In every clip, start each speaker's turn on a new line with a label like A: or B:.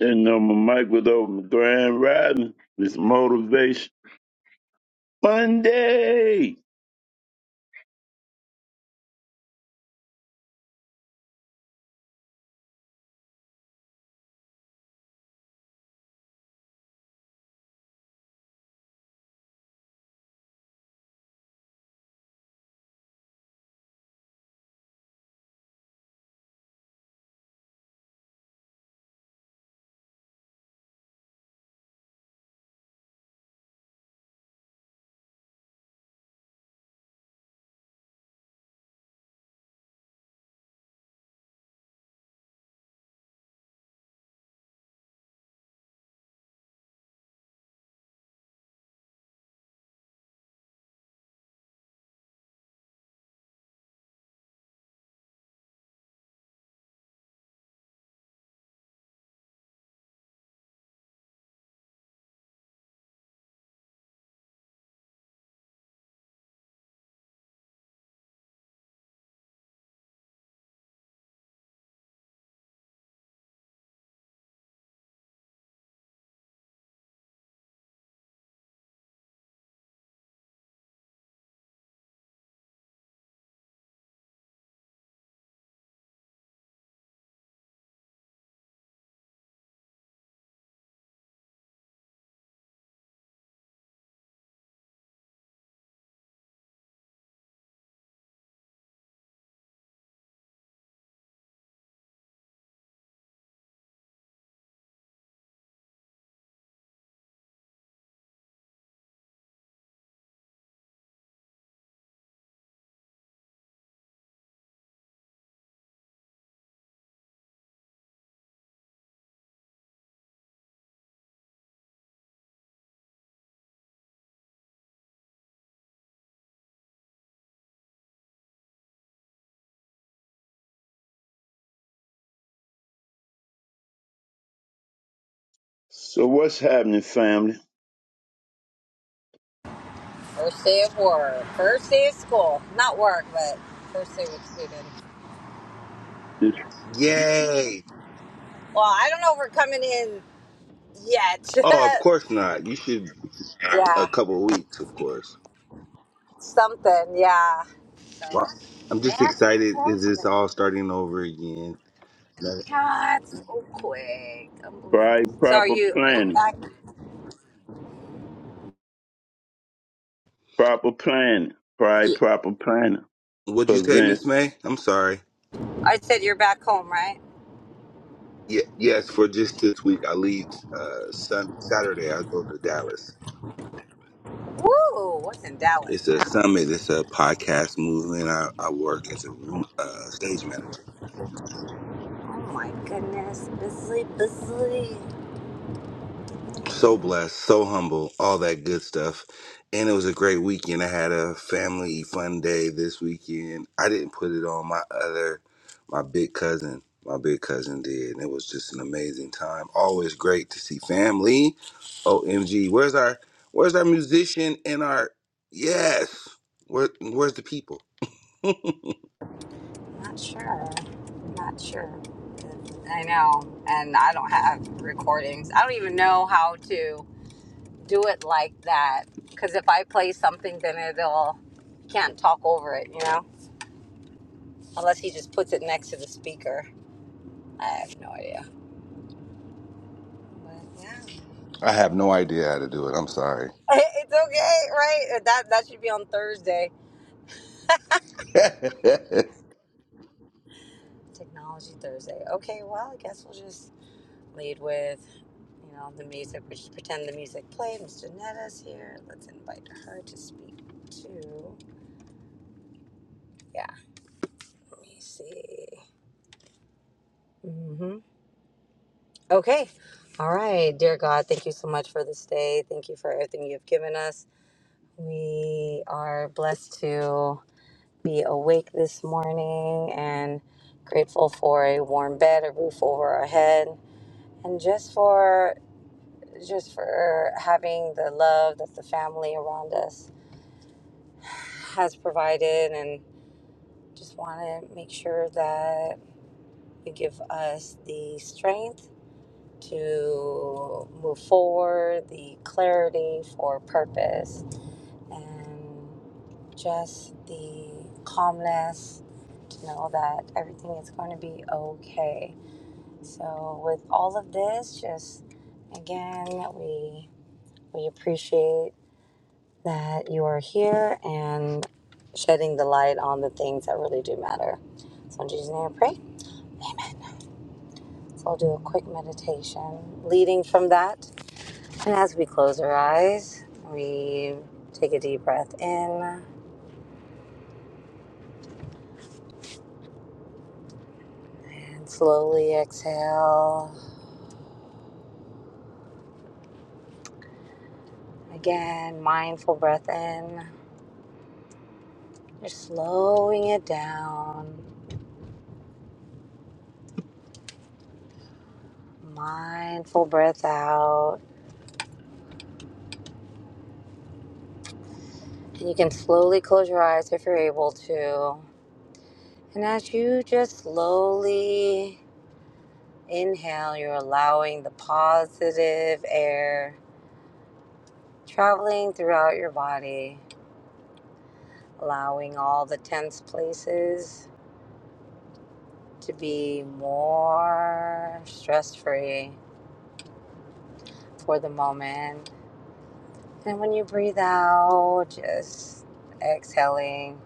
A: And know my mic was grand riding. It's motivation Monday. So what's happening, family?
B: First day of work. First day of school. Not work, but first day with students.
A: It's
C: Yay!
B: Well, I don't know if we're coming in yet.
C: Oh, of course not. You should a
B: yeah.
C: couple of weeks, of course.
B: Something, yeah.
C: Wow.
B: So
C: I'm just
B: that's what's
C: excited. Is this
B: happening.
C: all starting over again? No.
B: God, so quick.
A: pride,
B: Unbelievable. So are
A: proper
B: you are you
A: planning,
B: back?
A: proper planning, pride,
C: Yeah.
A: proper planning.
C: What'd you say,
A: Prevent
C: Miss May? I'm sorry.
B: I said you're back home, right?
C: Yeah, yes, for just this week. I leave uh, sun- Saturday. I go to Dallas.
B: Woo! What's in Dallas
C: It's a
B: now?
C: summit. It's a podcast movement. I, I work as a room, uh, stage manager.
B: Oh my goodness. Busy, busy.
C: so blessed, so humble, all that good stuff. And it was a great weekend. I had a family fun day this weekend. I didn't put it on my other, my big cousin. My big cousin did. And it was just an amazing time. Always great to see family. OMG. Where's our where's our musician and our yes. Where where's the people? I
B: Not sure. Not sure. I know. And I don't have recordings. I don't even know how to do it like that. Because if I play something, then it'll, you can't talk over it, you know? Unless he just puts it next to the speaker. I have no idea. But yeah.
C: have no idea how to do it. I'm sorry.
B: It's okay, right? Uh, That, that should be on Thursday. Technology Thursday. Okay, well, I guess we'll just lead with. You know, the music, we should pretend the music played. Miss Janetta's here. Let's invite her to speak too. Yeah, let me see. hmm Okay. All right. Dear God, thank you so much for this day. Thank you for everything you've given us. We are blessed to be awake this morning and grateful for a warm bed, a roof over our head, and just for just for having the love that the family around us has provided and. Just want to make sure that you give us the strength to move forward, the clarity for purpose, and just the calmness to know that everything is going to be okay. So, with all of this, just again, we we appreciate that you are here and shedding the light on the things that really do matter. So, in Jesus' name, I pray. So I'll do a quick meditation leading from that. And as we close our eyes, we take a deep breath in and slowly exhale. Again, mindful breath in. You're slowing it down. Mindful breath out. And you can slowly close your eyes if you're able to. And as you just slowly inhale, you're allowing the positive air traveling throughout your body allowing all the tense places to be more stress free for the moment. And when you breathe out, just exhaling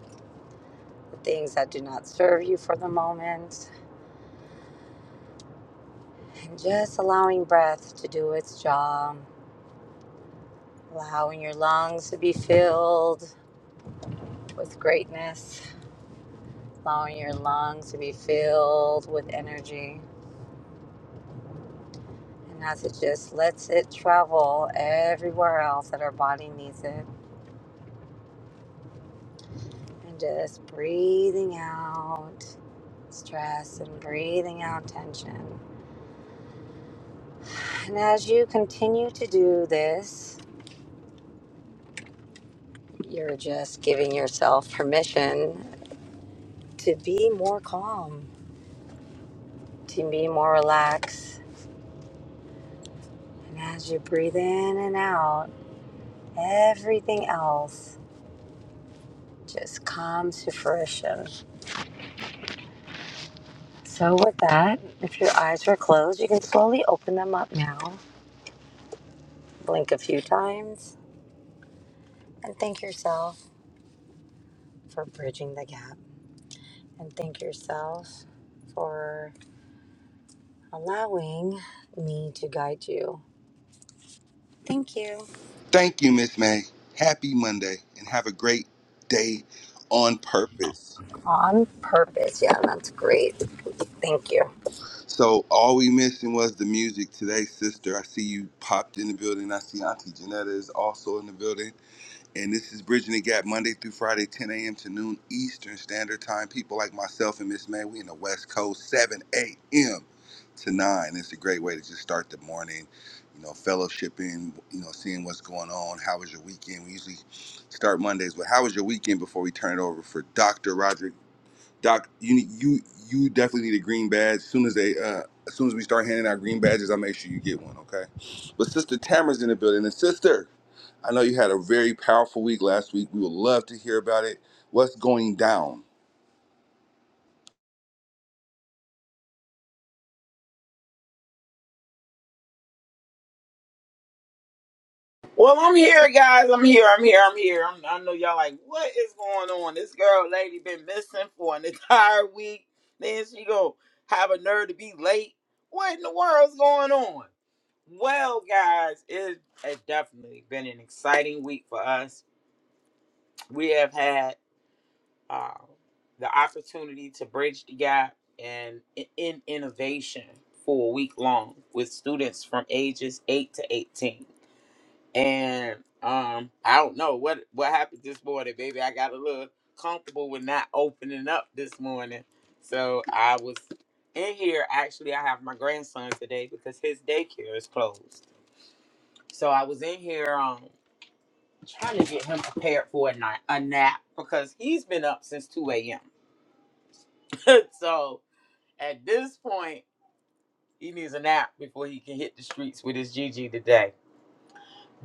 B: the things that do not serve you for the moment, and just allowing breath to do its job, allowing your lungs to be filled with greatness, allowing your lungs to be filled with energy. And as it just lets it travel everywhere else that our body needs it and just breathing out stress and breathing out tension. And as you continue to do this, you're just giving yourself permission to be more calm, to be more relaxed. And as you breathe in and out, everything else just comes to fruition. So, with that, if your eyes were closed, you can slowly open them up now, blink a few times, and thank yourself for bridging the gap. and thank yourself for allowing me to guide you. Thank you.
C: Thank you, Miss May. Happy Monday and have a great day on purpose.
B: On purpose. Yeah, that's great. Thank you.
C: So all we missing was the music today, sister. I see you popped in the building. I see Auntie Janetta is also in the building. And this is Bridging the Gap Monday through Friday, 10 a.m. to noon Eastern Standard Time. People like myself and Miss May, we in the West Coast, 7 a.m. to 9. It's a great way to just start the morning, you know, fellowshipping, you know, seeing what's going on. How was your weekend? We usually start Mondays, but how was your weekend before we turn it over for Dr. Roderick? Doc, you need- you you definitely need a green badge. As soon as they uh as soon as we start handing out green badges, I'll make sure you get one, okay? But Sister Tamara's in the building. And sister, I know you had a very powerful week last week. We would love to hear about it. What's going down?
D: Well, I'm here, guys. I'm here. I'm here. I'm here. I'm, I know y'all like, what is going on? This girl, lady, been missing for an entire week. Then she go have a nerve to be late. What in the world's going on? Well, guys, it has definitely been an exciting week for us. We have had uh, the opportunity to bridge the gap and in in innovation for a week long with students from ages 8 to 18 and um, I don't know what what happened this morning, baby. I got a little comfortable with not opening up this morning, so I was in here. Actually, I have my grandson today because his daycare is closed, so I was in here um trying to get him prepared for a night a nap because he's been up since two a.m. so at this point, he needs a nap before he can hit the streets with his Gigi today,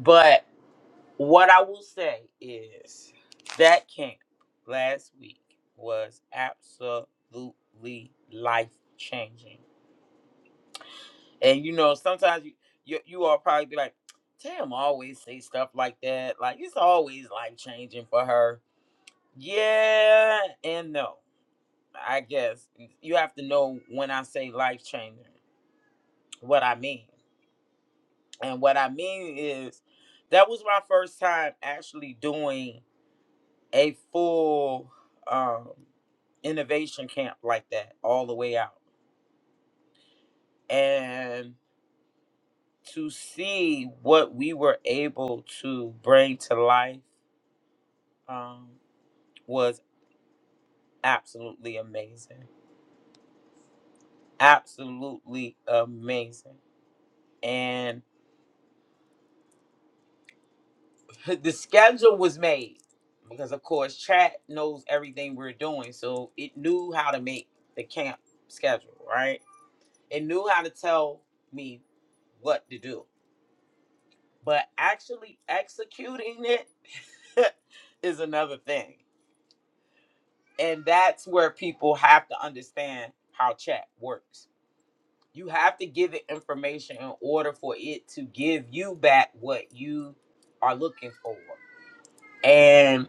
D: but. What I will say is that camp last week was absolutely life changing. And you know, sometimes you you, you all probably be like, Tam always say stuff like that. Like it's always life changing for her. Yeah and no. I guess you have to know when I say life changing, what I mean. And what I mean is that was my first time actually doing a full um, innovation camp like that all the way out and to see what we were able to bring to life um, was absolutely amazing absolutely amazing and the schedule was made because of course chat knows everything we're doing so it knew how to make the camp schedule right it knew how to tell me what to do but actually executing it is another thing. And that's where people have to understand how chat works. You have to give it information in order for it to give you back what you are looking for. And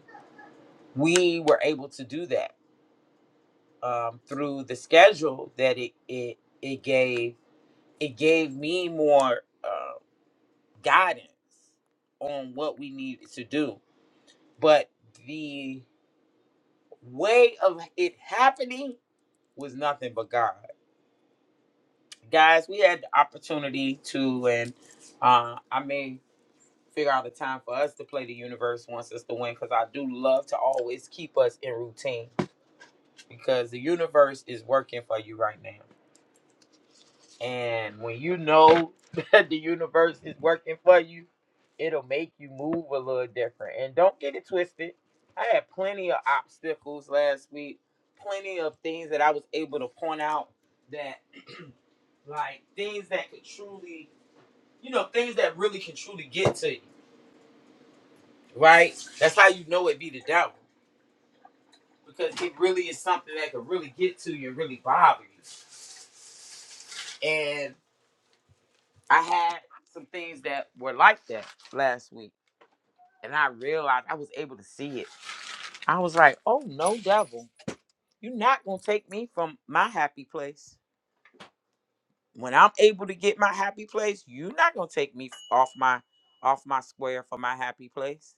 D: we were able to do that um, through the schedule that it it, it gave. It gave me more uh, guidance on what we needed to do. But the way of it happening was nothing but God. Guys, we had the opportunity to, and uh, I may figure out a time for us to play the universe wants us to win because I do love to always keep us in routine because the universe is working for you right now. And when you know that the universe is working for you, it'll make you move a little different. And don't get it twisted. I had plenty of obstacles last week, plenty of things that I was able to point out that, like, things that could truly, you know, things that really can truly get to you, right? That's how you know it be the devil because it really is something that could really get to you and really bother you. And I had some things that were like that last week and I realized I was able to see it. I was like, oh no, devil, you're not gonna take me from my happy place. When I'm able to get my happy place, you're not gonna take me off my off my square for my happy place.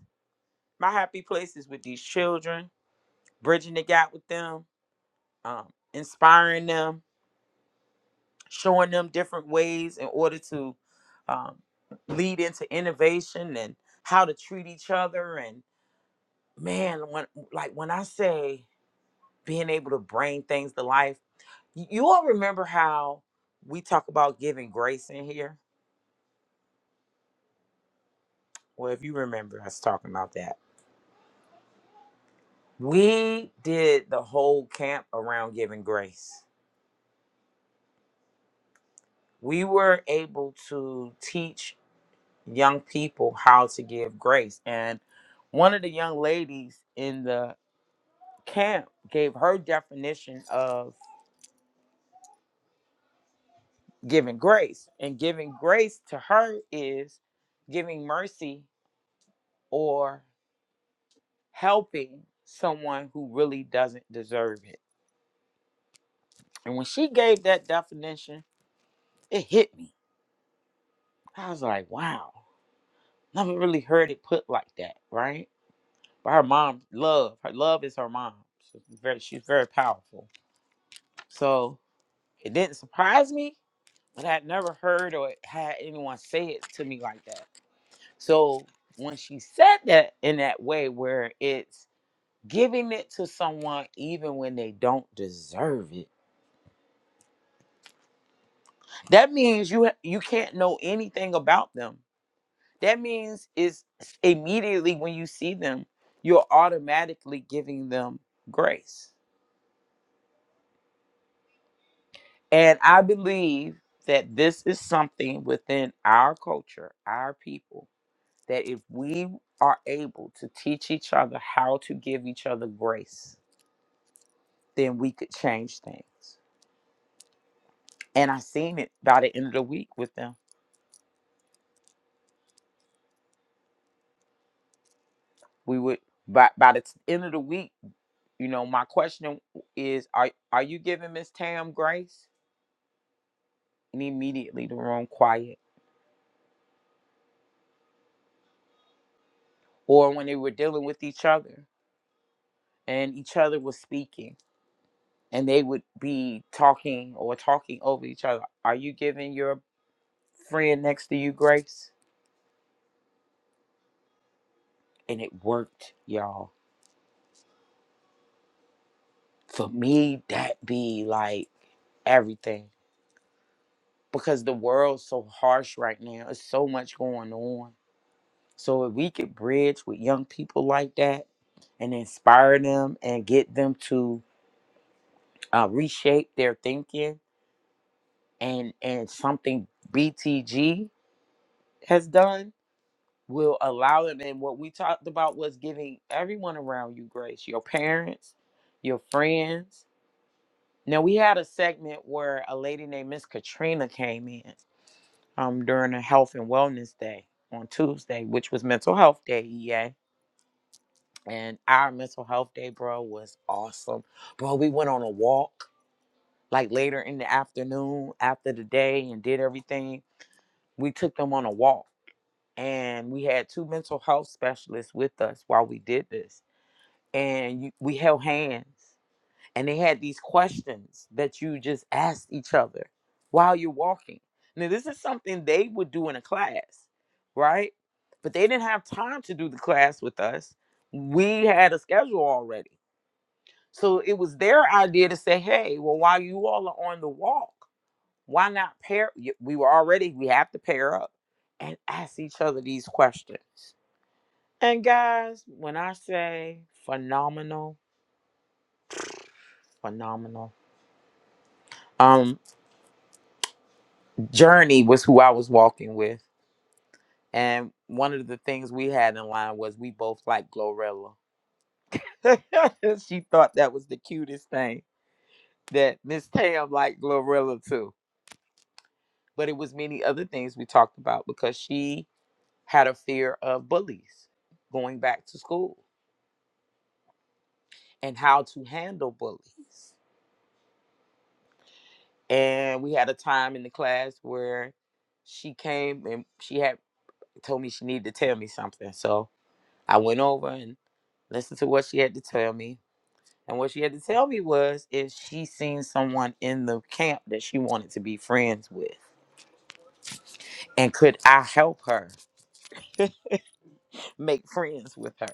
D: My happy place is with these children, bridging the gap with them, um, inspiring them, showing them different ways in order to um, lead into innovation and how to treat each other. And man, when like when I say being able to bring things to life. Y- You all remember how we talk about giving grace in here? Well, if you remember us talking about that, we did the whole camp around giving grace. We were able to teach young people how to give grace. And one of the young ladies in the camp gave her definition of giving grace. And giving grace to her is giving mercy or. helping someone who really doesn't deserve it. And when she gave that definition, it hit me. I was like, wow, never really heard it put like that, right? But her mom, love, her love is her mom. So, She's very, she's very powerful. So it didn't surprise me, but I'd never heard or had anyone say it to me like that. So when she said that in that way, where it's giving it to someone even when they don't deserve it That means you ha- you can't know anything about them. That means is immediately when you see them, you're automatically giving them grace. And I believe that this is something within our culture, our people, that if we are able to teach each other how to give each other grace, then we could change things. And I seen it by the end of the week with them. We would by by the t- end of the week You know, my question is are are you giving Miss Tam grace? And immediately the room quiet. Or when they were dealing with each other and each other was speaking and they would be talking or talking over each other. Are you giving your friend next to you grace? And it worked, y'all. For me, that be like everything. Because the world's so harsh right now. It's so much going on So if we could bridge with young people like that and inspire them and get them to uh, reshape their thinking and and something BTG has done will allow them and what we talked about was giving everyone around you grace, your parents, your friends. Now we had a segment where a lady named Miss Katrina came in um, during a health and wellness day on Tuesday, which was mental health day, EA and our mental health day, bro, was awesome. Bro, we went on a walk like later in the afternoon after the day and did everything. We took them on a walk and we had two mental health specialists with us while we did this. And you, we held hands and they had these questions that you just asked each other while you're walking. Now, this is something they would do in a class, right? But they didn't have time to do the class with us. We had a schedule already. So it was their idea to say, hey, well, while you all are on the walk, why not pair? y- We were already, we have to pair up and ask each other these questions. And guys, when I say phenomenal, phenomenal, um, Journey was who I was walking with. And one of the things we had in line was we both like Glorilla. she thought that was the cutest thing that Miss Tam liked Glorilla too. But it was many other things we talked about because she had a fear of bullies going back to school and how to handle bullies. And we had a time in the class where she came and she had told me she needed to tell me something. So I went over and listened to what she had to tell me. And what she had to tell me was if she seen someone in the camp that she wanted to be friends with. And could I help her make friends with her?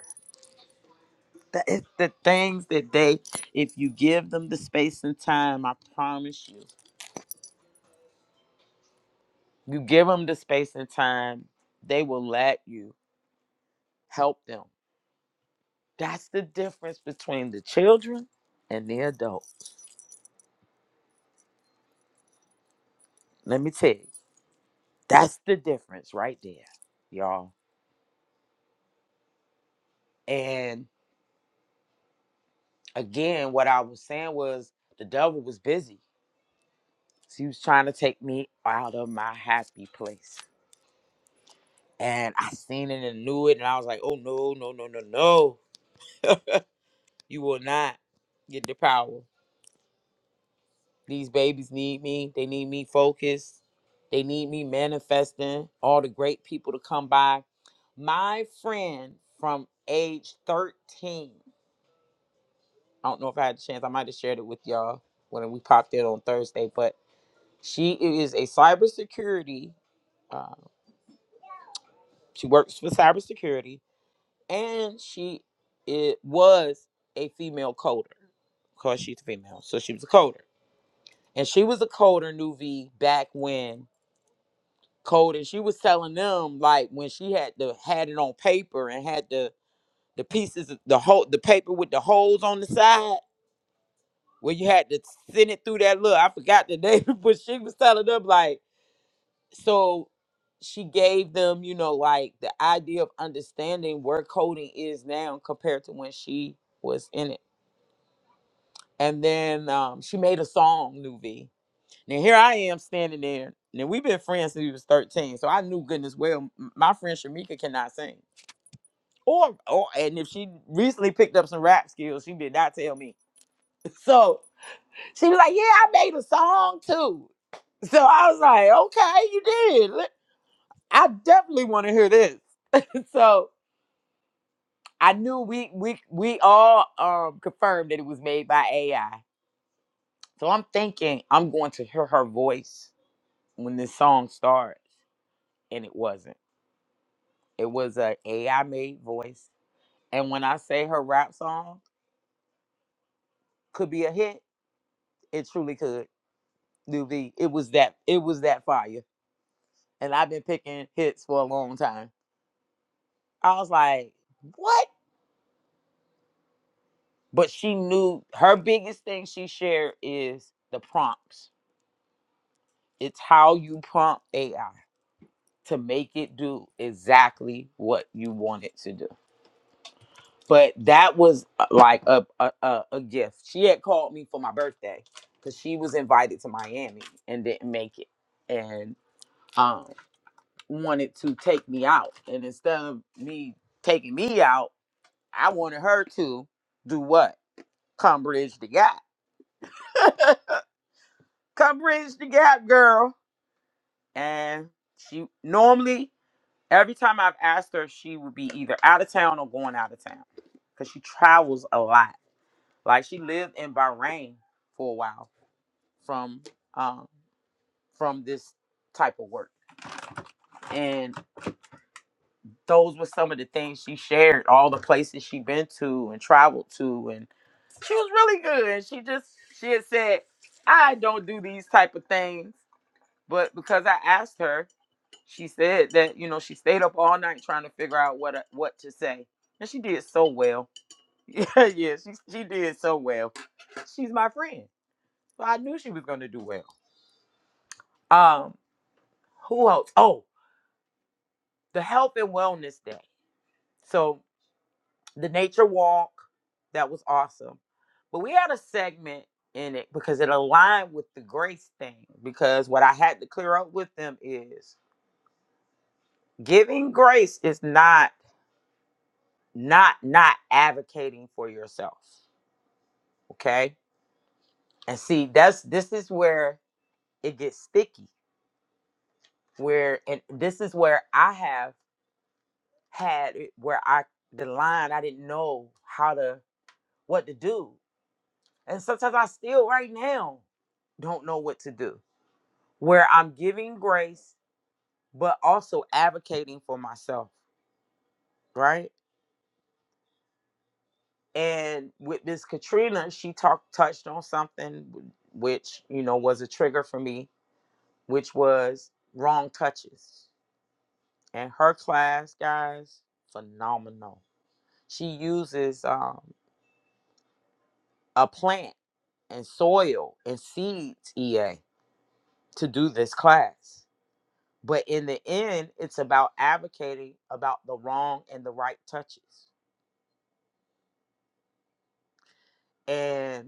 D: That is the things that they, if you give them the space and time, I promise you You give them the space and time, they will let you help them. That's the difference between the children and the adult. Let me tell you, that's the difference right there, y'all. And again, what I was saying was the devil was busy. He was trying to take me out of my happy place. And I seen it and knew it. And I was like, oh, no, no, no, no, no. you will not get the power. These babies need me. They need me focused. They need me manifesting. All the great people to come by. My friend from age 13, I don't know if I had a chance, I might have shared it with y'all when we popped in on Thursday, but she is a cybersecurity, uh, she works for cybersecurity, and she it was a female coder because she's female. So she was a coder. And she was a coder, Nuvi, back when. code and she was telling them like when she had the had it on paper and had the the pieces of the whole the paper with the holes on the side where you had to send it through that look i forgot the name but she was telling them like so she gave them you know like the idea of understanding where coding is now compared to when she was in it and then um, she made a song nuvi now here I am standing there. Now we've been friends since we was 13, so I knew goodness well m- my friend Shamika cannot sing. Or, or and if she recently picked up some rap skills, she did not tell me. So she was like, "Yeah, I made a song too." So I was like, "Okay, you did. Let- I definitely want to hear this." So I knew we we we all um confirmed that it was made by AI. So I'm thinking I'm going to hear her voice when this song starts, and it wasn't. It was a AI made voice, and when I say her rap song could be a hit, it truly could Nuvi. It was that it was that fire. And I've been picking hits for a long time. I was like, what? But she knew her biggest thing she shared is the prompts. It's how you prompt AI to make it do exactly what you want it to do. But that was uh, like a a, a, a gift. She had called me for my birthday because she was invited to Miami and didn't make it. And um. wanted to take me out. And instead of me taking me out, I wanted her to do what? Come bridge the gap. Come bridge the gap, girl. And she normally, every time I've asked her, she would be either out of town or going out of town because she travels a lot. Like she lived in Bahrain for a while from um, from this type of work. and. those were some of the things she shared, all the places she been to and traveled to, and she was really good. And she just she had said, "I don't do these type of things," but because I asked her, she said that you know she stayed up all night trying to figure out what uh, what to say, and she did so well. Yeah, yeah, she she did so well. She's my friend, so I knew she was gonna do well. Um, who else? Oh, the health and wellness day. So. the nature walk that was awesome but we had a segment in it because it aligned with the grace thing because what i had to clear up with them is giving grace is not not not advocating for yourself okay and see that's this is where it gets sticky where and this is where i have had it where i the line i didn't know how to what to do and sometimes i still right now don't know what to do where I'm giving grace, but also advocating for myself, right? And with Miss Katrina, she talked touched on something which you know was a trigger for me, which was wrong touches. And her class, guys, phenomenal. She uses um, a plant and soil and seeds EA to do this class. But in the end, it's about advocating about the wrong and the right touches. And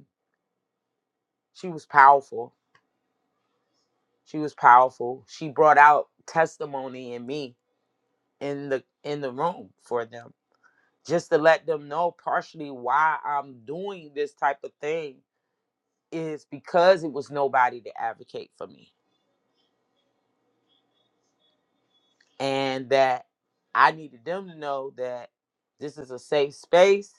D: she was powerful. She was powerful. She brought out testimony in me in the in the room for them. Just to let them know partially why I'm doing this type of thing is because it was nobody to advocate for me. And that I needed them to know that this is a safe space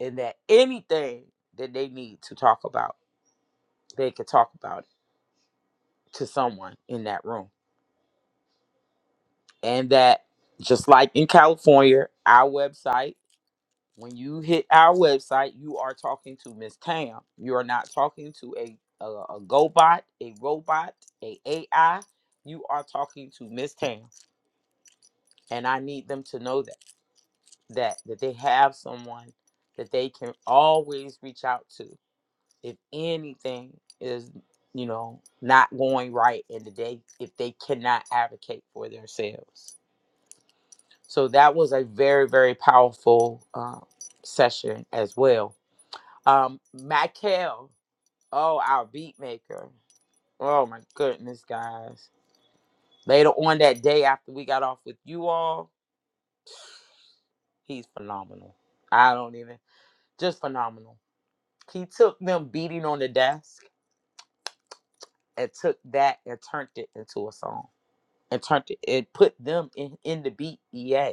D: and that anything that they need to talk about, they could talk about it to someone in that room. And that just like in California, our website When you hit our website, you are talking to Miss Tam. You are not talking to a a, a GoBot, a robot, a AI. You are talking to Miss Tam, and I need them to know that that that they have someone that they can always reach out to if anything is you know not going right in the day if they cannot advocate for themselves. So that was a very very powerful uh, session as well Um, Michael, oh, our beat maker. Oh my goodness, guys. Later on that day after we got off with you all, he's phenomenal. I don't even just phenomenal. He took them beating on the desk and took that and turned it into a song. And turned it and put them in, in the beat. Yeah.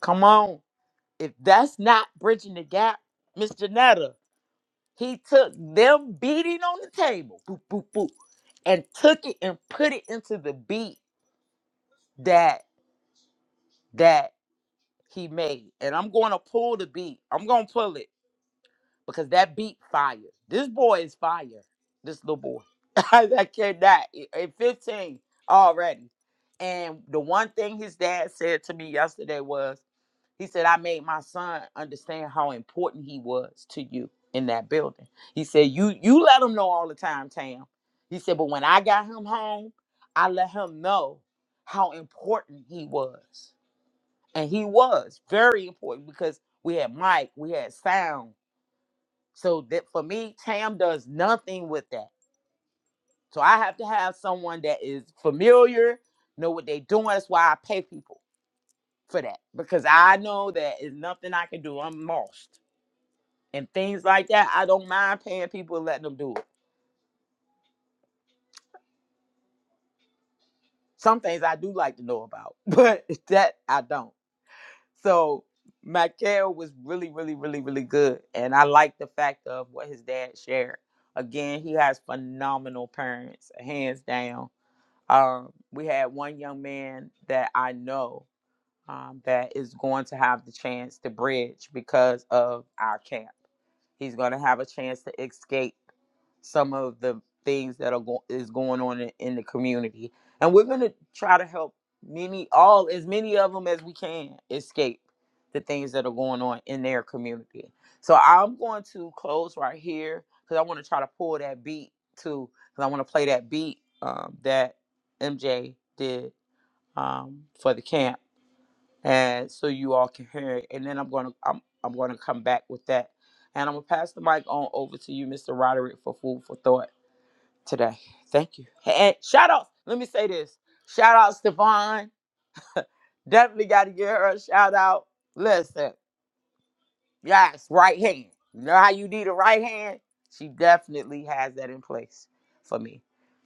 D: Come on. If that's not bridging the gap, Miss Janetta. He took them beating on the table, boop, boop, boop, and took it and put it into the beat that that he made. And I'm going to pull the beat. I'm going to pull it because that beat fire. This boy is fire. This little boy. I I cannot. At 15 already. And the one thing his dad said to me yesterday was, He said, I made my son understand how important he was to you in that building. He said, You you let him know all the time, Tam. He said, but when I got him home, I let him know how important he was. And he was very important because we had mic, we had sound. So that for me, Tam does nothing with that. So I have to have someone that is familiar, know what they're doing. That's why I pay people for that. Because I know that is nothing I can do. I'm lost. and things like that. I don't mind paying people and letting them do it. Some things I do like to know about, but that I don't. So Michael was really, really, really, really good. And I like the fact of what his dad shared. Again, he has phenomenal parents, hands down. Um, we had one young man that I know um, that is going to have the chance to bridge because of our camp He's going to have a chance to escape some of the things that are go- is going on in, in the community, and we're going to try to help many, all as many of them as we can escape the things that are going on in their community. So I'm going to close right here because I want to try to pull that beat too, because I want to play that beat um, that MJ did um, for the camp and so you all can hear it. And then I'm gonna I'm I'm gonna come back with that. And I'm gonna pass the mic on over to you, Mr. Roderick, for food for thought today. Thank you. And shout outs. Let me say this. Shout out Stefan. Definitely gotta give her a shout out. Listen, Yes, right hand. You know how you need a right hand? She definitely has that in place for me.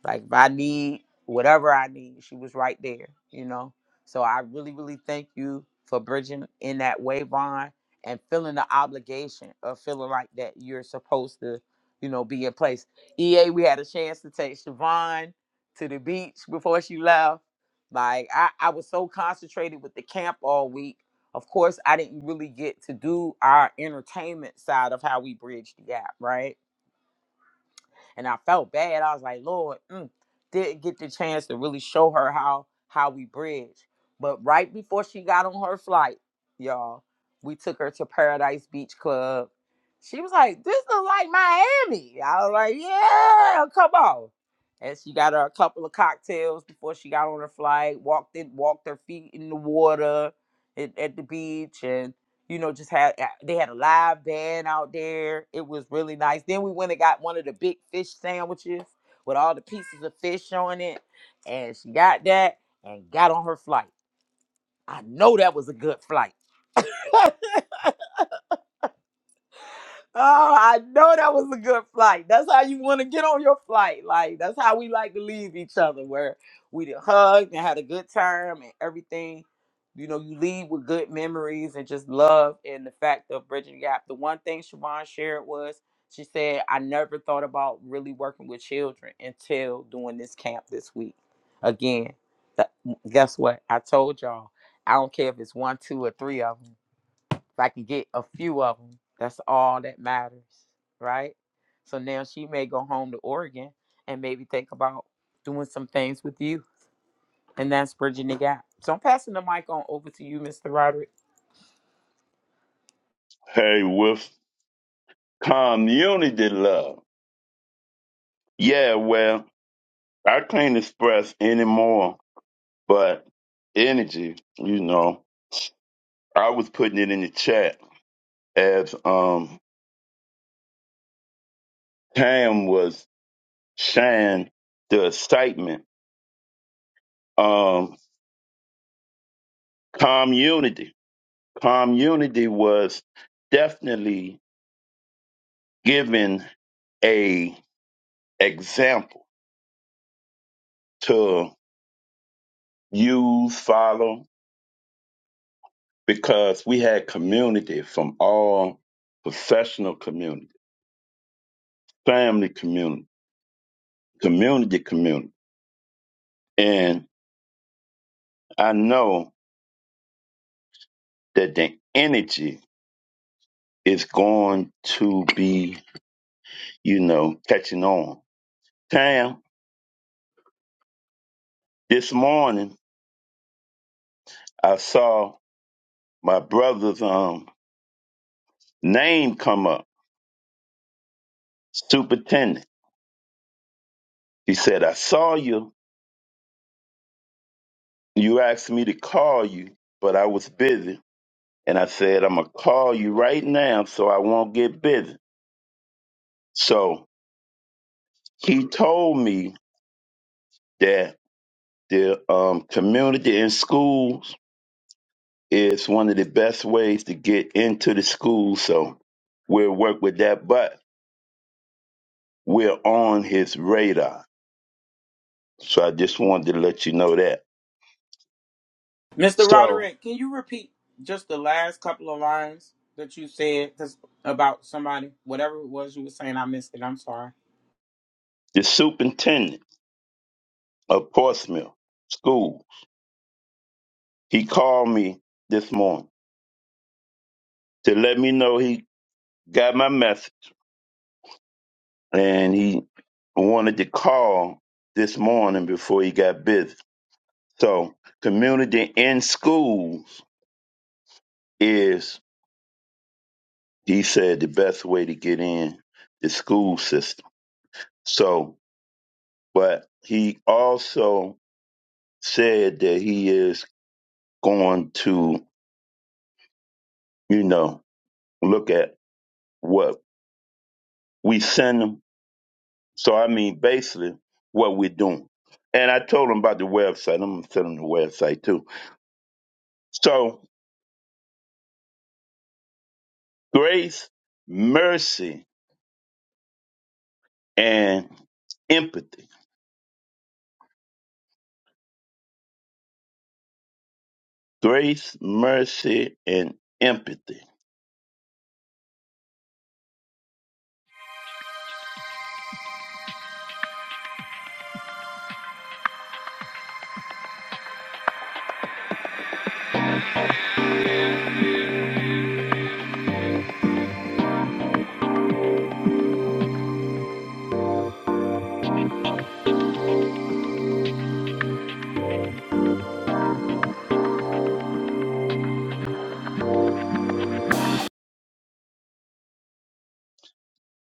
D: Like if I need whatever I need, she was right there, you know. So I really, really thank you for bridging in that way, Vaughn, and feeling the obligation of feeling like that you're supposed to, you know, be in place. EA, we had a chance to take Siobhan to the beach before she left. Like I, I was so concentrated with the camp all week of course, I didn't really get to do our entertainment side of how we bridge the gap, right? And I felt bad. I was like, Lord, mm, didn't get the chance to really show her how how we bridge. But right before she got on her flight, y'all, we took her to Paradise Beach Club. She was like, "This looks like Miami." I was like, "Yeah, come on." And she got her a couple of cocktails before she got on her flight. Walked in, walked her feet in the water at, at the beach, and you know, just had uh, they had a live band out there. It was really nice. Then we went and got one of the big fish sandwiches with all the pieces of fish on it, and she got that and got on her flight. I know that was a good flight. Oh, I know that was a good flight. That's how you want to get on your flight. Like that's how we like to leave each other, where we done hugged and had a good time and everything. You know, you leave with good memories and just love and the fact of bridging the gap. The one thing Siobhan shared was she said, I never thought about really working with children until doing this camp this week. Again, that, guess what? I told y'all, I don't care if it's one, two, or three of them. If I can get a few of them, that's all that matters, right? So now she may go home to Oregon and maybe think about doing some things with you, and that's bridging the gap. So I'm passing the mic on over to you, Mr. Roderick.
A: hey with community love. Yeah, well, I can't express anymore, but energy, you know, I was putting it in the chat as um Cam was sharing the excitement. Um Community. Community was definitely given a example to use, follow, because we had community from all professional community, family community, community community. And I know that the energy is going to be, you know, catching on. Tam, this morning I saw my brother's um name come up Superintendent, he said, I saw you. You asked me to call you, but I was busy. And I said, I'm going to call you right now so I won't get busy. So he told me that the um, community and schools is one of the best ways to get into the school. So we'll work with that, but we're on his radar. So I just wanted to let you know that.
D: Mr.
A: So
D: Roderick, can you repeat just the last couple of lines that you said 'cause about somebody, whatever it was you were saying? I missed it. I'm sorry.
A: the superintendent of Portsmouth School He called me this morning to let me know he got my message and he wanted to call this morning before he got busy. So, community in schools is, he said, the best way to get in the school system. So, but he also said that he is going to, you know, look at what we send him So I mean, basically, what we're doing. And I told him about the website. I'm gonna send him the website too. So grace, mercy, and empathy. Grace, mercy, and empathy.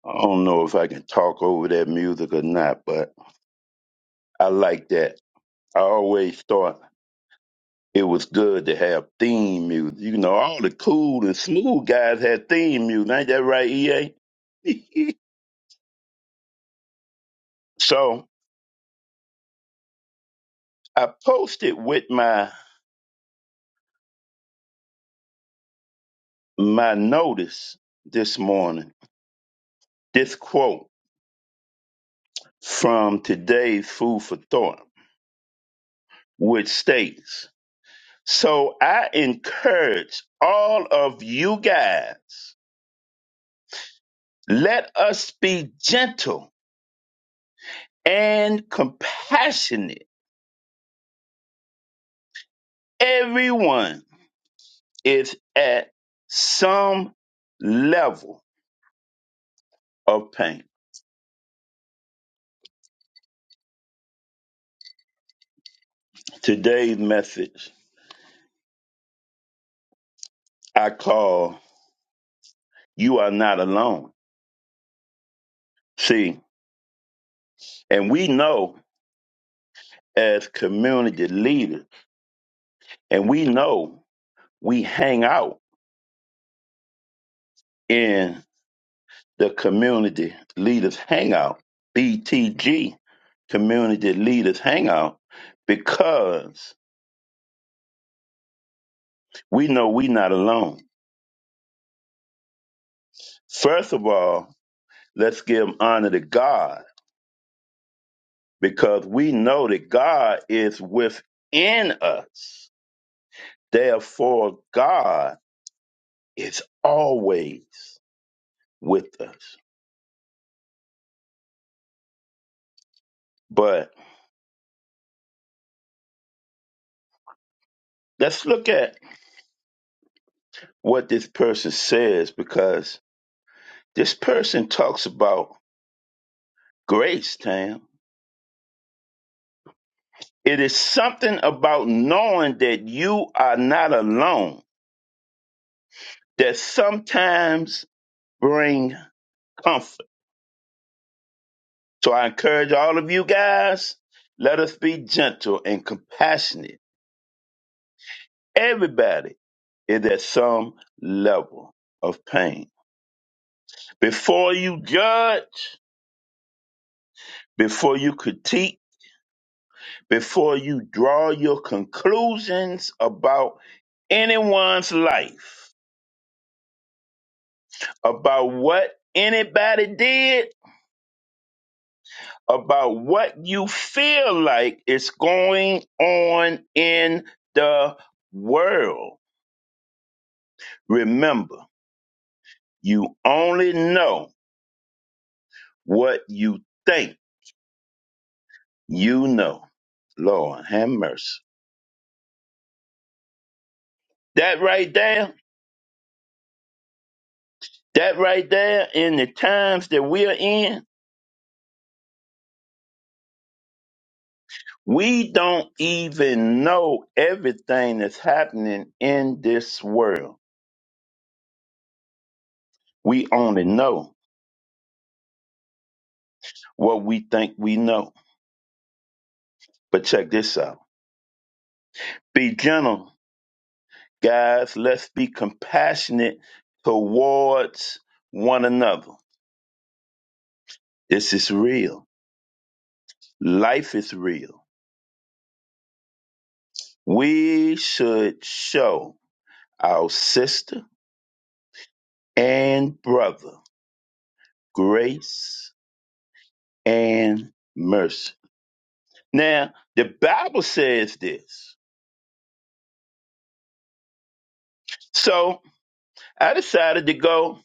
A: I don't know if I can talk over that music or not, but I like that. I always thought it was good to have theme music. You know, all the cool and smooth guys had theme music. Ain't that right, EA? so I posted with my my notice this morning, this quote from today's Food for Thought, which states So I encourage all of you guys, let us be gentle and compassionate. Everyone is at some level of pain. Today's message I call You Are Not Alone. See, and we know as community leaders. And we know we hang out in the community leaders hangout, BTG community leaders hangout, because we know we're not alone. First of all, let's give honor to God because we know that God is within us. Therefore, God is always with us. But let's look at what this person says because this person talks about grace, Tam. It is something about knowing that you are not alone that sometimes bring comfort. So I encourage all of you guys, let us be gentle and compassionate. Everybody is at some level of pain. Before you judge, before you critique, before you draw your conclusions about anyone's life, about what anybody did, about what you feel like is going on in the world. Remember, you only know what you think you know. Lord, have mercy. That right there, that right there in the times that we are in, We don't even know everything that's happening in this world. We only know what we think we know. But check this out be gentle, guys. Let's be compassionate towards one another. This is real. Life is real. We should show our sister and brother grace and mercy. Now, the Bible says this. So I decided to go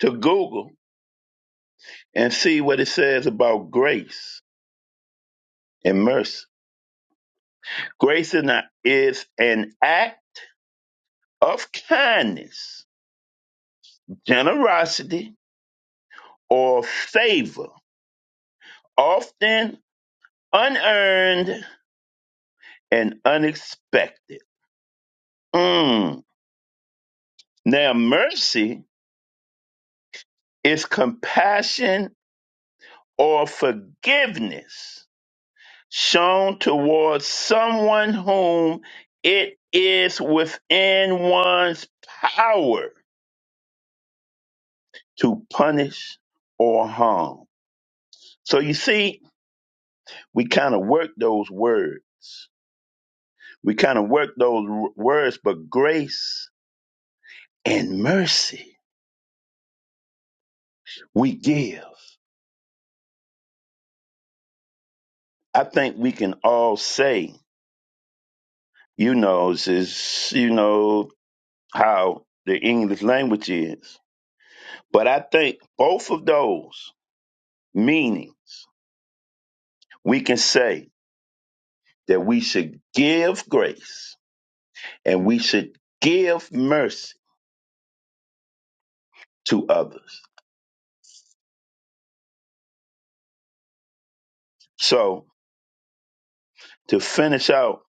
A: to Google and see what it says about grace and mercy. Grace is an is an act of kindness, generosity, or favor, often unearned and unexpected. Mm. Now, mercy is compassion or forgiveness shown towards someone whom it is within one's power to punish or harm. So you see, we kind of work those words. We kind of work those w- words, but grace and mercy we give. I think we can all say, you know, this is, you know, how the English language is. But I think both of those meanings we can say that we should give grace and we should give mercy to others. So, to finish out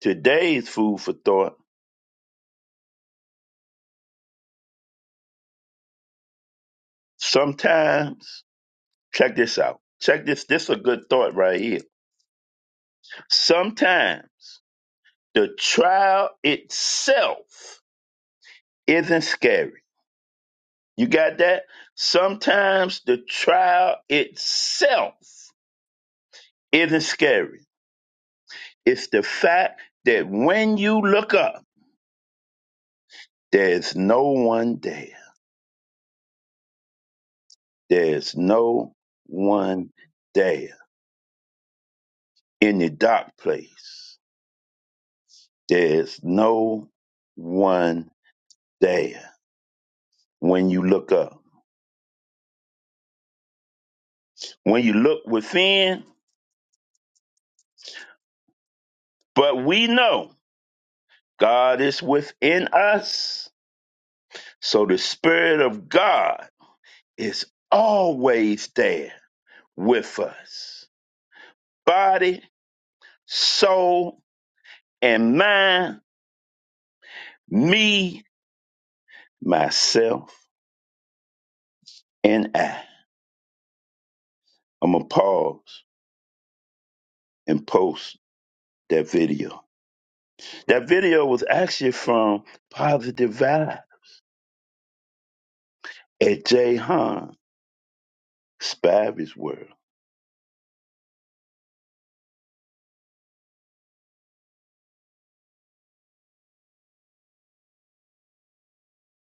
A: today's food for thought, sometimes, check this out. Check this. This is a good thought right here. Sometimes the trial itself isn't scary. You got that? Sometimes the trial itself isn't scary. It's the fact that when you look up, There is no one there. There is no one there. In the dark place, there is no one there when you look up. When you look within, but we know God is within us. So the Spirit of God is always there with us. Body, soul, and mind, me, myself, and I I'm gonna pause and post that video. That video was actually from Positive Vibe at Jay Han Spivey's World.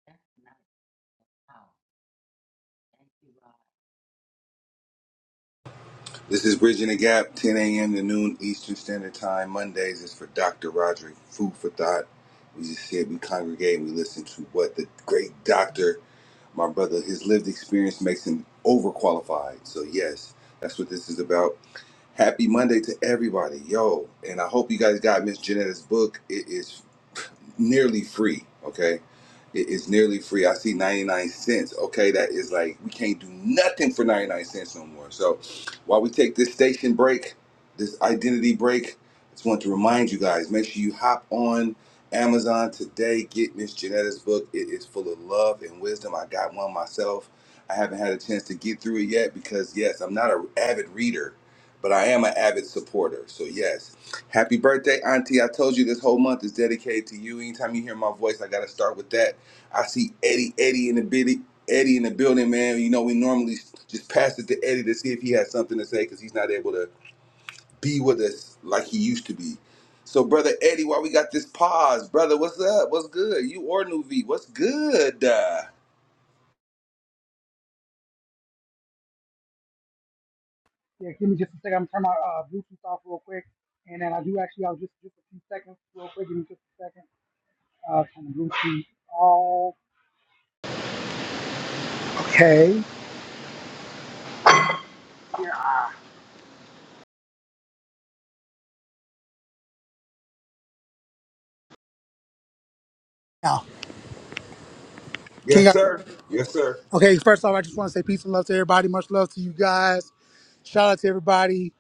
E: That's nice. Oh, thank you, Rob.
C: This is Bridging the Gap, 10 a.m. to noon Eastern Standard Time. Mondays is for Dr. Roderick, food for thought. We just sit, we congregate, and we listen to what the great doctor, my brother, his lived experience makes him overqualified. So, yes, that's what this is about. Happy Monday to everybody. Yo, and I hope you guys got Miss Janetta's book. It is nearly free. Okay, it is nearly free. I see ninety nine cents. Okay, that is like we can't do nothing for ninety nine cents no more. So while we take this station break, this identity break, I just want to remind you guys: make sure you hop on. Amazon today, get Miss Janetta's book. It is full of love and wisdom. I got one myself. I haven't had a chance to get through it yet because, yes, I'm not an avid reader, but I am an avid supporter. So, yes, Happy birthday, Auntie. I told you this whole month is dedicated to you. Anytime you hear my voice, I gotta start with that. I see Eddie, Eddie in the bitty, Eddie in the building, man. You know, we normally just pass it to Eddie to see if he has something to say because he's not able to be with us like he used to be. So, brother Eddie, why we got this pause? Brother, what's up? What's good? You or New V, what's good? Uh,
F: Yeah, give me just a second. I'm turning my uh, Bluetooth off real quick, and then I do actually. I was just just a few seconds, real quick. Give me just a second. Uh, turn the Bluetooth off. Okay. Now, can you
C: yes,
F: guys?
C: sir. Yes, sir.
F: Okay, first off, I just want to say peace and love to everybody. Much love to you guys. Shout out to everybody.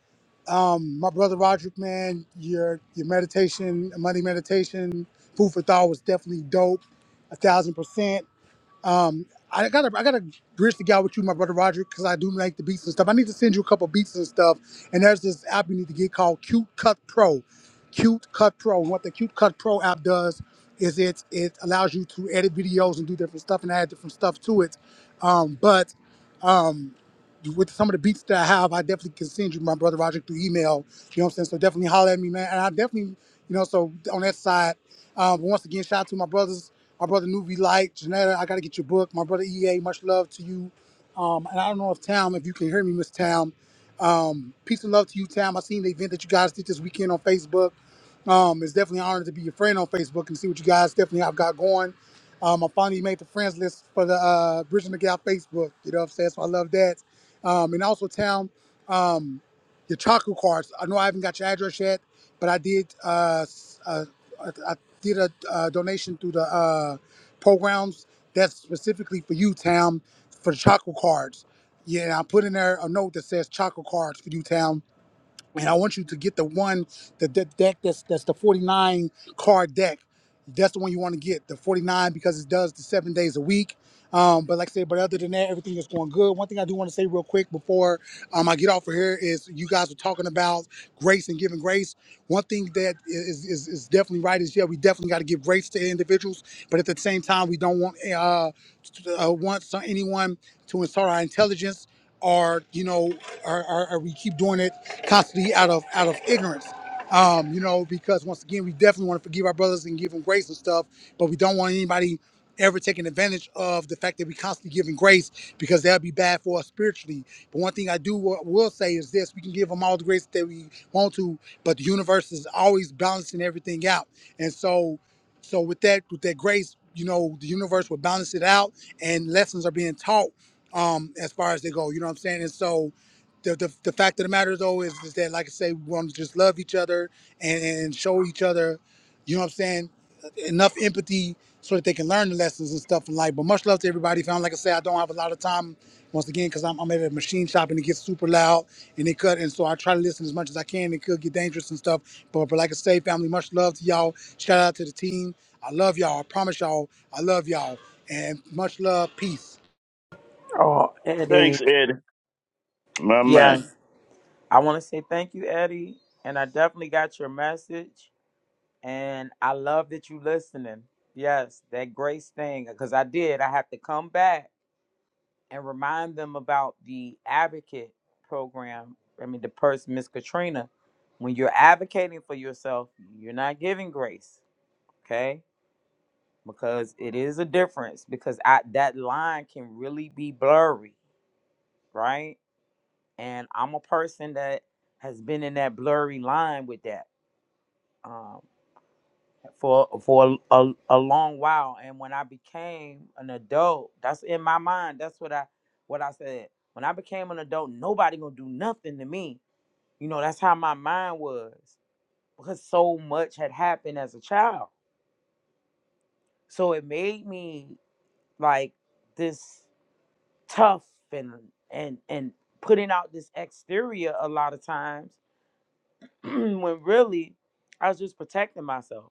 F: My brother Roderick, man, your your meditation, money meditation, food for thought was definitely dope, a thousand percent. Um, I gotta I gotta bridge the gap with you, my brother Roderick, because I do like the beats and stuff. I need to send you a couple beats and stuff. And there's this app you need to get called Cute Cut Pro. Cute Cut Pro. And what the Cute Cut Pro app does is it it allows you to edit videos and do different stuff and add different stuff to it. Um, but um, with some of the beats that I have, I definitely can send you my brother Roger through email. You know what I'm saying? So definitely holler at me, man. And I definitely, you know, so on that side, um, once again, shout out to my brothers, my brother Nuvi Light, Janetta, I gotta get your book. My brother EA, much love to you. Um, and I don't know if Tam, if you can hear me, Miss Tam. Um, peace and love to you, Tam. I seen the event that you guys did this weekend on Facebook. Um, it's definitely an honor to be your friend on Facebook and see what you guys definitely have got going. Um, I finally made the friends list for the uh, Bridget McGow Facebook. You know what I'm saying? So I love that. Um, and also, Town, um, your chocolate cards. I know I haven't got your address yet, but I did. Uh, s- uh, I, I did a uh, donation through the uh, programs. That's specifically for you, Town, for the chocolate cards. Yeah, and I put in there a note that says chocolate cards for you, Town and I want you to get the one the that deck that's that's the 49 card deck. That's the one you want to get, the 49 because it does the seven days a week. Um, but like I said, but other than that, everything is going good. One thing I do want to say real quick before um, I get off of here is you guys were talking about grace and giving grace. One thing that is is, is definitely right is yeah, we definitely got to give grace to individuals, but at the same time, we don't want eh, uh, t- uh want some, anyone to insult our intelligence or you know or, or, or we keep doing it constantly out of out of ignorance. Um, you know, because once again, we definitely want to forgive our brothers and give them grace and stuff, but we don't want anybody ever taking advantage of the fact that we constantly giving grace because that'll be bad for us spiritually. But one thing do what we'll say is this we can give them all the grace that we want to but the universe is always balancing everything out and so so with that with that grace you know the universe will balance it out and lessons are being taught um as far as they go you know what i'm saying and so the the, the fact of the matter though is, is that like i say we want to just love each other and and show each other you know what i'm saying enough empathy so that they can learn the lessons and stuff in life. But much love to everybody. Found like I said, I don't have a lot of time once again because I'm, I'm at a machine shop and it gets super loud and it cut. And so I try to listen as much as I can. It could get dangerous and stuff. But, but like I say, family, much love to y'all. Shout out to the team. I love y'all. I promise y'all, I love y'all. And much love. Peace.
D: Oh, Eddie.
A: Thanks, Eddie, my man.
D: Yes, I want to say thank you, Eddie. And I definitely got your message. and I love that you listening. Yes, that grace thing because I did. I have to come back and remind them about the advocate program. I mean, the person, Miss Katrina. When you're advocating for yourself, you're not giving grace, okay? Because it is a difference. Because I that line can really be blurry, right? And I'm a person that has been in that blurry line with that. Um, for for a, a, a long while and when i became an adult that's in my mind that's what i what i said when i became an adult nobody gonna do nothing to me you know that's how my mind was because so much had happened as a child so it made me like this tough and and and putting out this exterior a lot of times when really i was just protecting myself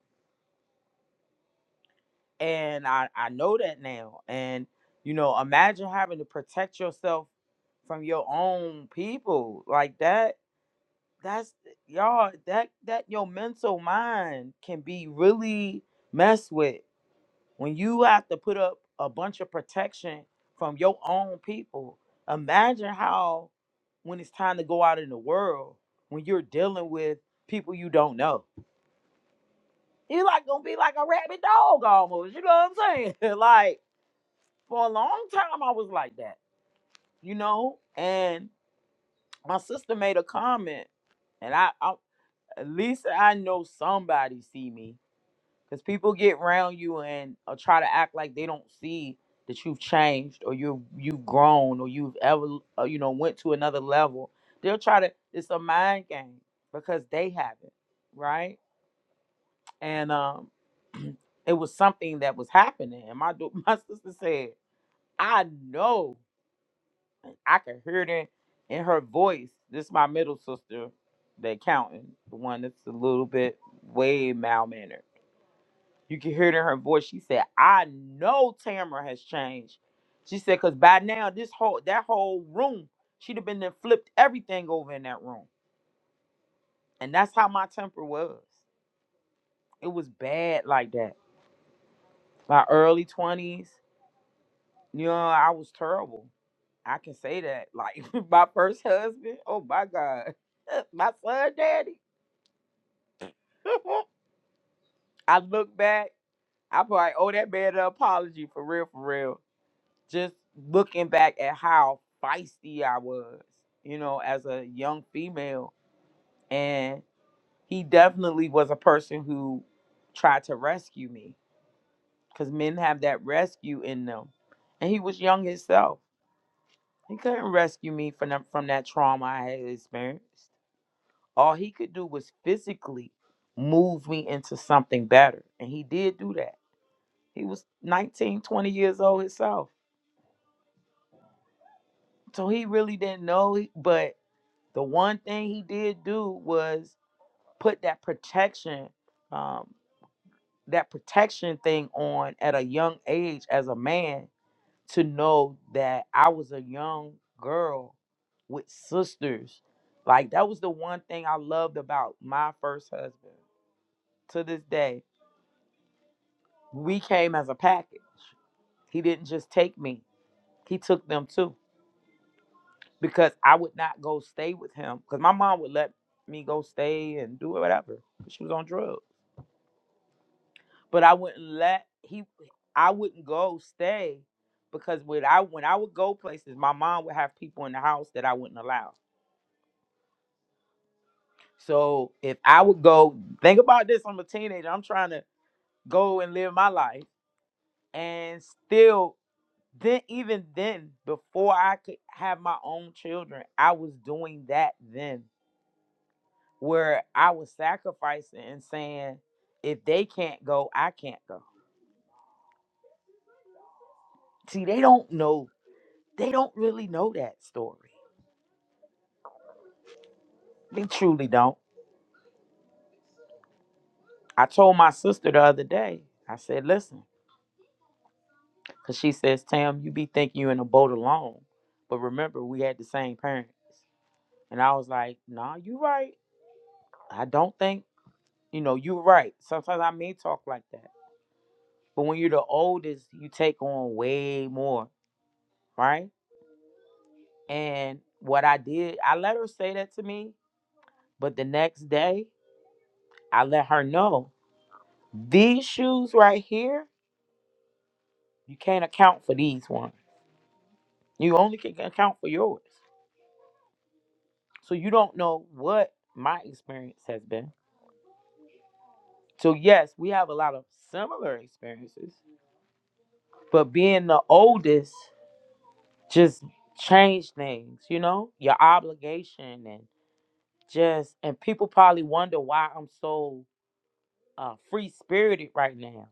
D: and I I know that now. And you know, imagine having to protect yourself from your own people like that. That's y'all. That that your mental mind can be really messed with when you have to put up a bunch of protection from your own people. Imagine how when it's time to go out in the world when you're dealing with people you don't know. You're like gonna be like a rabid dog almost. You know what I'm saying? like for a long time I was like that, you know. And my sister made a comment, and I, I at least I know somebody see me, because people get around you and uh, try to act like they don't see that you've changed or you have you've grown or you've ever uh, you know went to another level. They'll try to. It's a mind game because they haven't, right? And um, it was something that was happening, and my do- my sister said, "I know." I could hear it in, in her voice. This is my middle sister, the accountant, the one that's a little bit way mal mannered. You can hear it in her voice. She said, "I know Tamara has changed." She said, "Cause by now this whole that whole room, she'd have been there flipped everything over in that room." And that's how my temper was. It was bad like that. My early twenties, you know, I was terrible. I can say that. Like my first husband, oh my God, my son daddy. I look back, I probably owe that man an apology for real, for real. Just looking back at how feisty I was, you know, as a young female. And he definitely was a person who tried to rescue me because men have that rescue in them. And he was young himself. He couldn't rescue me from that, from that trauma I had experienced. All he could do was physically move me into something better. And he did do that He was 19, 20 years old himself. So he really didn't know. he- But the one thing he did do was put that protection, um, that protection thing on at a young age as a man to know that I was a young girl with sisters. Like that was the one thing I loved about my first husband. To this day, we came as a package. He didn't just take me, he took them too because I would not go stay with him because my mom would let me go stay and do whatever. She was on drugs, but I wouldn't let he. I wouldn't go stay because when I when I would go places, my mom would have people in the house that I wouldn't allow. So if I would go, think about this: I'm a teenager. I'm trying to go and live my life, and still, then even then, before I could have my own children, I was doing that then where I was sacrificing and saying, if they can't go, I can't go. See, they don't know, they don't really know that story. They truly don't. I told my sister the other day, I said, listen, because she says, Tam, you be thinking you in a boat alone. But remember, we had the same parents. And I was like, nah, you right. I don't think, you know, you right. Sometimes I may talk like that. But when you're the oldest, you take on way more, right? And what I did, I let her say that to me, but the next day I let her know these shoes right here, you can't account for these ones. You only can account for yours. So you don't know what my experience has been. So, yes, we have a lot of similar experiences, but being the oldest just changed things, you know, your obligation and just, and people probably wonder why I'm so uh, free spirited right now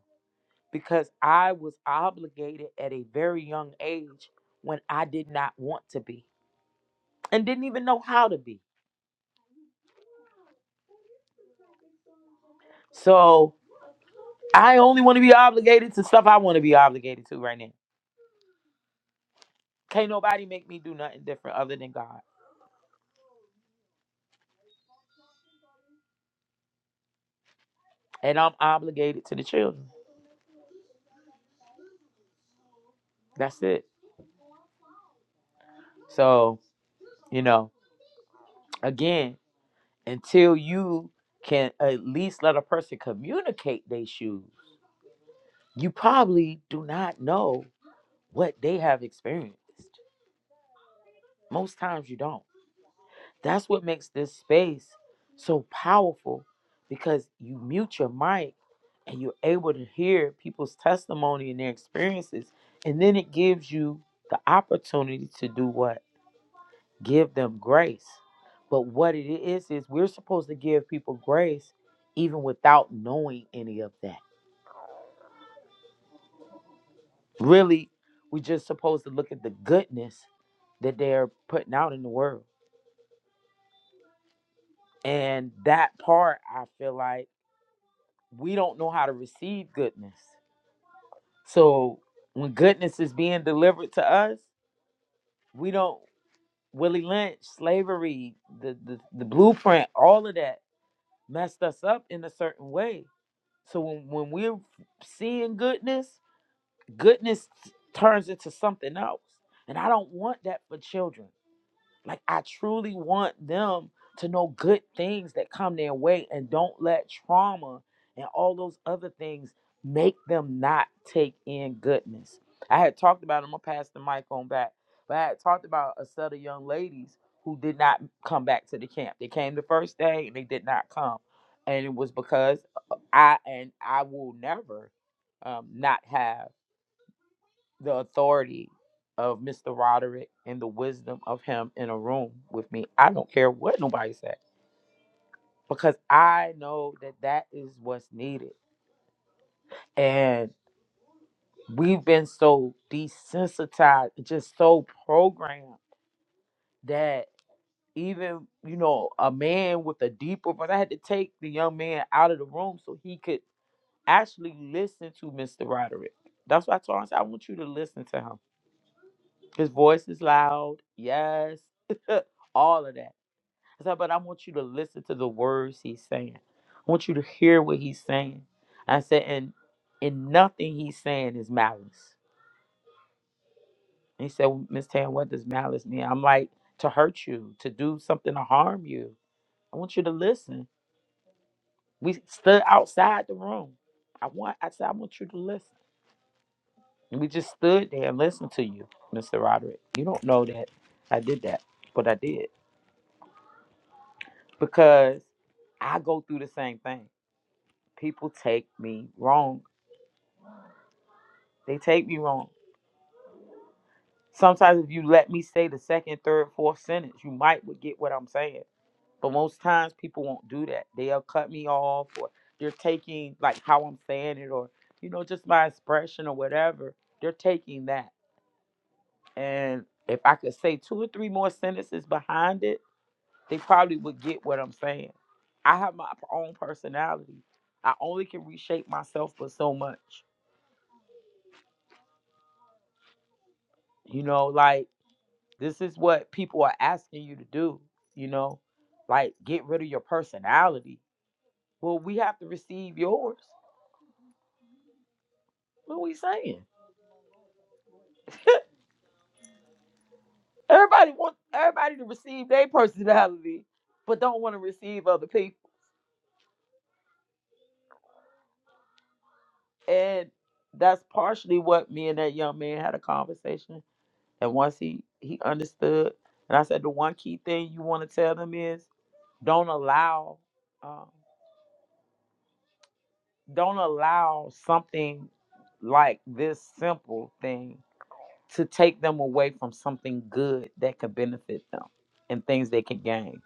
D: because I was obligated at a very young age when I did not want to be and didn't even know how to be. So I only want to be obligated to stuff I want to be obligated to right now. Can't nobody make me do nothing different other than God. And I'm obligated to the children. That's it. So, you know, again, until you can at least let a person communicate their shoes, you probably do not know what they have experienced. Most times you don't. That's what makes this space so powerful because you mute your mic and you're able to hear people's testimony and their experiences. And then it gives you the opportunity to do what? Give them grace. But what it is, is we're supposed to give people grace even without knowing any of that. Really, we're just supposed to look at the goodness that they're putting out in the world. And that part, I feel like. we don't know how to receive goodness. So when goodness is being delivered to us, we don't Willie Lynch, slavery, the the, the blueprint, all of that messed us up in a certain way. So when, when we're seeing goodness, goodness turns into something else. And I don't want that for children. Like I truly want them to know good things that come their way and don't let trauma and all those other things make them not take in goodness. I had talked about, I'm gonna pass the mic on back, but I had talked about a set of young ladies who did not come back to the camp. They came the first day and they did not come. And it was because uh, I and I will never um, not have the authority of Mr. Roderick and the wisdom of him in a room with me. I don't care what nobody said because I know that that is what's needed. And we've been so desensitized, just so programmed that even, you know, a man with a deeper, but I had to take the young man out of the room so he could actually listen to Mr. Roderick. That's why I told him, I said, I want you to listen to him. His voice is loud. Yes. all of that. I said, but I want you to listen to the words he's saying. I want you to hear what he's saying. I said, and and nothing he's saying is malice. And he said, well, Miss Tan, what does malice mean? I'm like, to hurt you, to do something to harm you. I want you to listen. We stood outside the room. I want I said, I want you to listen. And we just stood there and listened to you, Mr. Roderick. You don't know that I did that, but I did. Because I go through the same thing. People take me wrong They take me wrong. Sometimes if you let me say the second, third, fourth sentence, you might would get what I'm saying. But most times people won't do that. They'll cut me off or they're taking like how I'm saying it or you know, just my expression or whatever. They're taking that. And if I could say two or three more sentences behind it, they probably would get what I'm saying. I have my own personality. I only can reshape myself for so much. You know, like This is what people are asking you to do, you know, like get rid of your personality. Well, we have to receive yours. What are we saying? Everybody wants everybody to receive their personality, but don't want to receive other people. And that's partially what me and that young man had a conversation. And once he he understood, and I said the one key thing you want to tell them is don't allow, um, don't allow something like this simple thing to take them away from something good that could benefit them and things they could gain.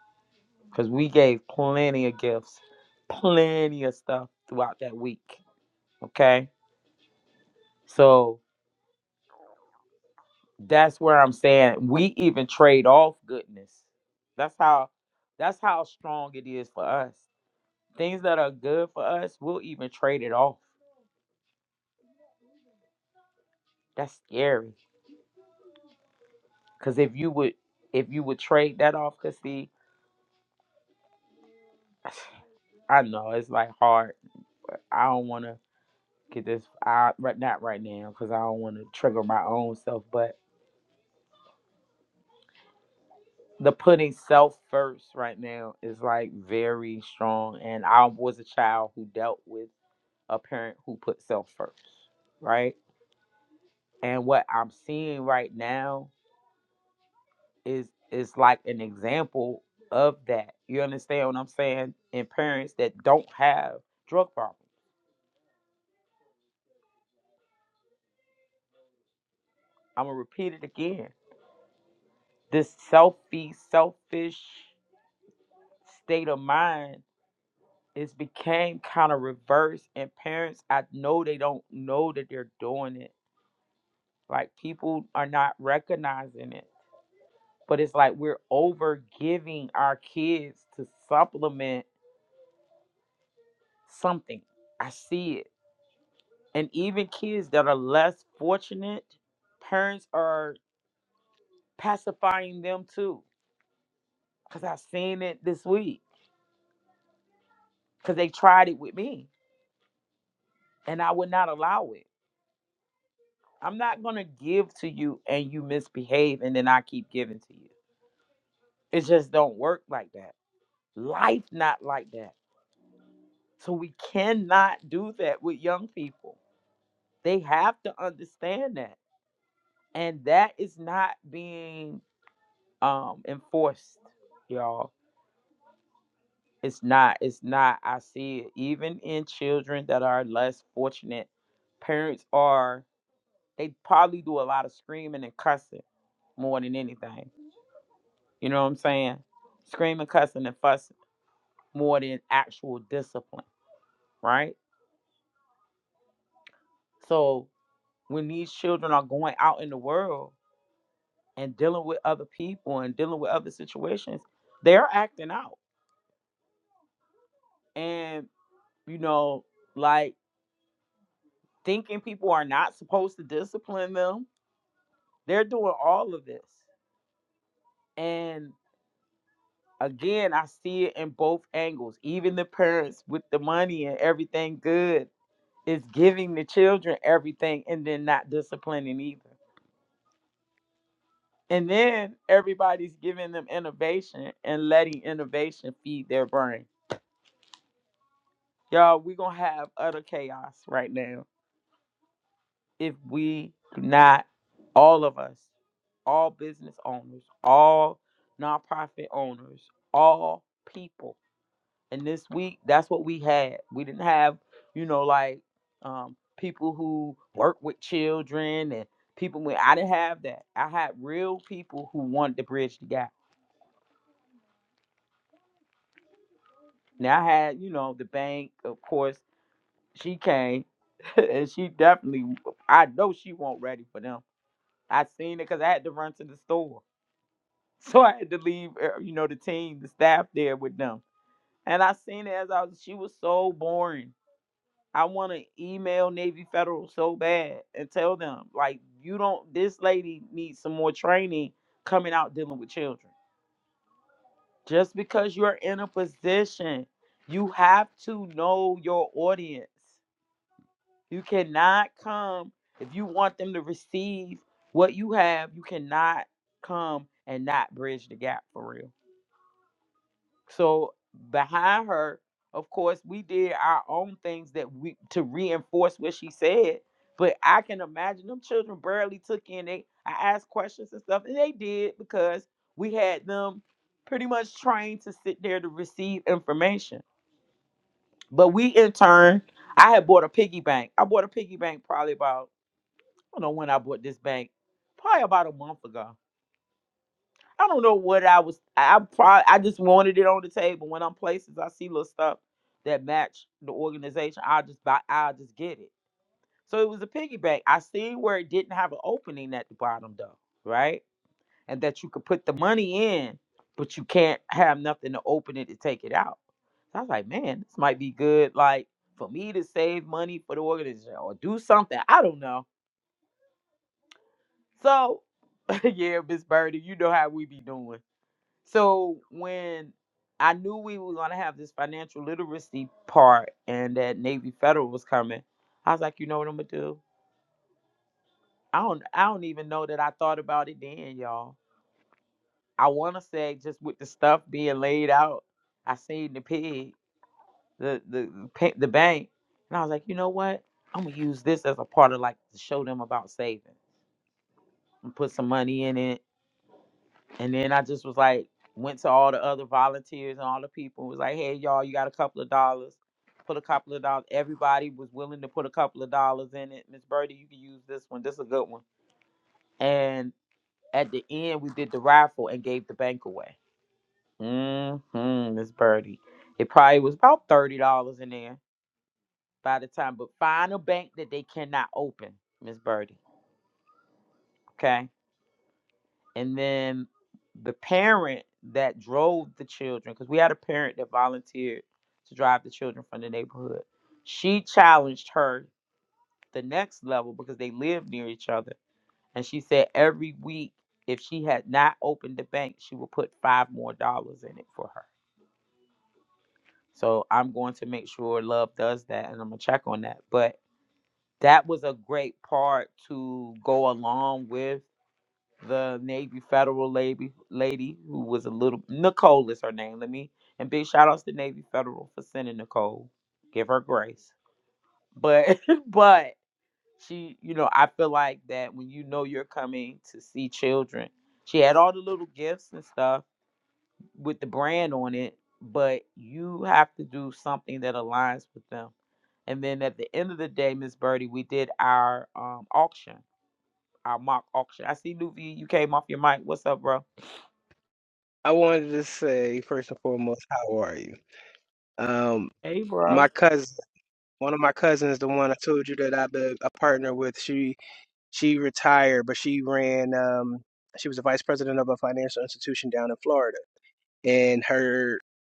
D: Because we gave plenty of gifts, plenty of stuff throughout that week. Okay. So that's where I'm saying we even trade off goodness. That's how that's how strong it is for us. Things that are good for us, we'll even trade it off. That's scary. Cause if you would if you would trade that off, cause see, I know it's like hard. I don't wanna get this out right not right now because I don't want to trigger my own self, but the putting self first right now is like very strong. And I was a child who dealt with a parent who put self first, right? And what I'm seeing right now is is like an example of that. You understand what I'm saying? In parents that don't have drug problems. I'm gonna repeat it again. This selfie, selfish state of mind it's became kind of reverse and parents i know they don't know that they're doing it like people are not recognizing it but it's like we're over giving our kids to supplement something i see it and even kids that are less fortunate parents are pacifying them too because i've seen it this week because they tried it with me and i would not allow it i'm not going to give to you and you misbehave and then i keep giving to you It just don't work like that. Life not like that. So we cannot do that with young people. They have to understand that. And that is not being um enforced, y'all. It's not, it's not. I see it even in children that are less fortunate. Parents are they probably do a lot of screaming and cussing more than anything. You know what I'm saying? Screaming, cussing, and fussing more than actual discipline, right? So when these children are going out in the world and dealing with other people and dealing with other situations, they're acting out. And, you know, like thinking people are not supposed to discipline them, they're doing all of this. And again, I see it in both angles. Even the parents with the money and everything good is giving the children everything and then not disciplining either. And then everybody's giving them innovation and letting innovation feed their brain Y'all, we're going to have utter chaos right now if we do not, all of us, all business owners, all nonprofit owners, all people. And this week, that's what we had. We didn't have, you know, like um, people who work with children and people with, I didn't have that. I had real people who wanted to bridge the gap. Now I had, you know, the bank, of course, she came and she definitely, I know she wasn't ready for them I seen it because I had to run to the store. So I had to leave, uh, you know, the team, the staff there with them. And I seen it as I was, she was so boring. I want to email Navy Federal so bad and tell them, like, you don't, this lady needs some more training coming out dealing with children. Just because you're in a position, you have to know your audience. You cannot come if you want them to receive what you have. You cannot come and not bridge the gap for real. So behind her, of course, we did our own things that we to reinforce what she said. But I can imagine them children barely took in. They I asked questions and stuff, and they did because we had them pretty much trained to sit there to receive information. But we in turn, I had bought a piggy bank. I bought a piggy bank probably about I don't know when I bought this bank. Probably about a month ago. I don't know what I was. I probably I just wanted it on the table. When I'm places, I see little stuff that match the organization. I just buy. I just get it. So it was a piggy bank. I seen where it didn't have an opening at the bottom though, right? And that you could put the money in, but you can't have nothing to open it to take it out. So I was like, man, this might be good. Like for me to save money for the organization or do something. I don't know. So, yeah, Miss Birdie, you know how we be doing. So when I knew we were gonna have this financial literacy part and that Navy Federal was coming, I was like, you know what I'm gonna do? I don't I don't even know that I thought about it then, y'all. I wanna say just with the stuff being laid out, I seen the pig, the the the pa- the bank, and I was like, you know what? I'm gonna use this as a part of like to show them about saving and put some money in it And then I just was like, went to all the other volunteers and all the people. Was like, hey y'all, you got a couple of dollars. Put a couple of dollars. Everybody was willing to put a couple of dollars in it. Miss Birdie, you can use this one. This is a good one. And at the end, we did the raffle and gave the bank away. Mm-hmm, Miss Birdie. It probably was about thirty dollars in there by the time. But find a bank that they cannot open, Miss Birdie. Okay and then the parent that drove the children because we had a parent that volunteered to drive the children from the neighborhood she challenged her the next level because they lived near each other and she said every week if she had not opened the bank she would put five more dollars in it for her so i'm going to make sure love does that and i'm going to check on that but that was a great part to go along with the Navy Federal lady, lady who was a little Nicole is her name. Let me and big shout outs to Navy Federal for sending Nicole. Give her grace. But but she, you know, I feel like that when you know you're coming to see children, she had all the little gifts and stuff with the brand on it, but you have to do something that aligns with them. And then at the end of the day, Miss Birdie, we did our um, auction, our mock auction. I see Nuvi, you came off your mic. What's up, bro?
G: I wanted to say first and foremost, how are you? Um,
D: Hey, bro.
G: my cousin, one of my cousins, the one I told you that I've been a partner with, she she retired, but she ran. Um, she was a vice president of a financial institution down in Florida, and her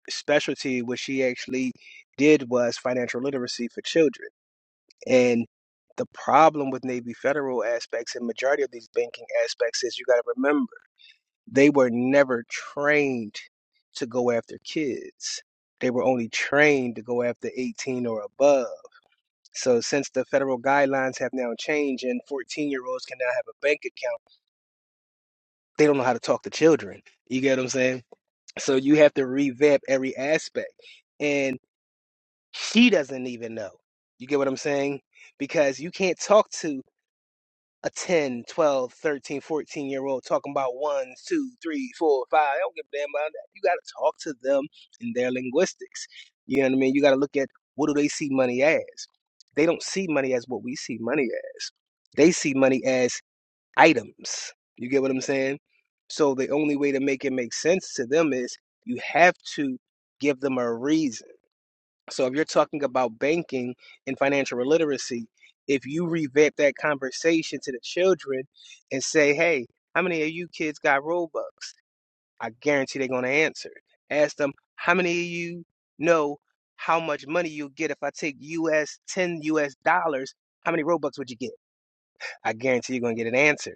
G: specialty, what she actually did, was financial literacy for children. And the problem with Navy Federal aspects and majority of these banking aspects is you got to remember. They were never trained to go after kids. They were only trained to go after 18 or above. So since the federal guidelines have now changed and 14 year olds can now have a bank account, they don't know how to talk to children. You get what I'm saying? So you have to revamp every aspect. And she doesn't even know. You get what I'm saying? Because you can't talk to a ten, twelve, thirteen, fourteen year old talking about one, two, three, four, five. I don't give a damn about that. You got to talk to them in their linguistics. You know what I mean? You got to look at what do they see money as? They don't see money as what we see money as. They see money as items. You get what I'm saying? So the only way to make it make sense to them is you have to give them a reason so if you're talking about banking and financial literacy, if you revamp that conversation to the children and say, hey, how many of you kids got Robux? I guarantee they're going to answer. Ask them, how many of you know how much money you'll get if I take US, 10 US dollars? How many Robux would you get? I guarantee you're going to get an answer.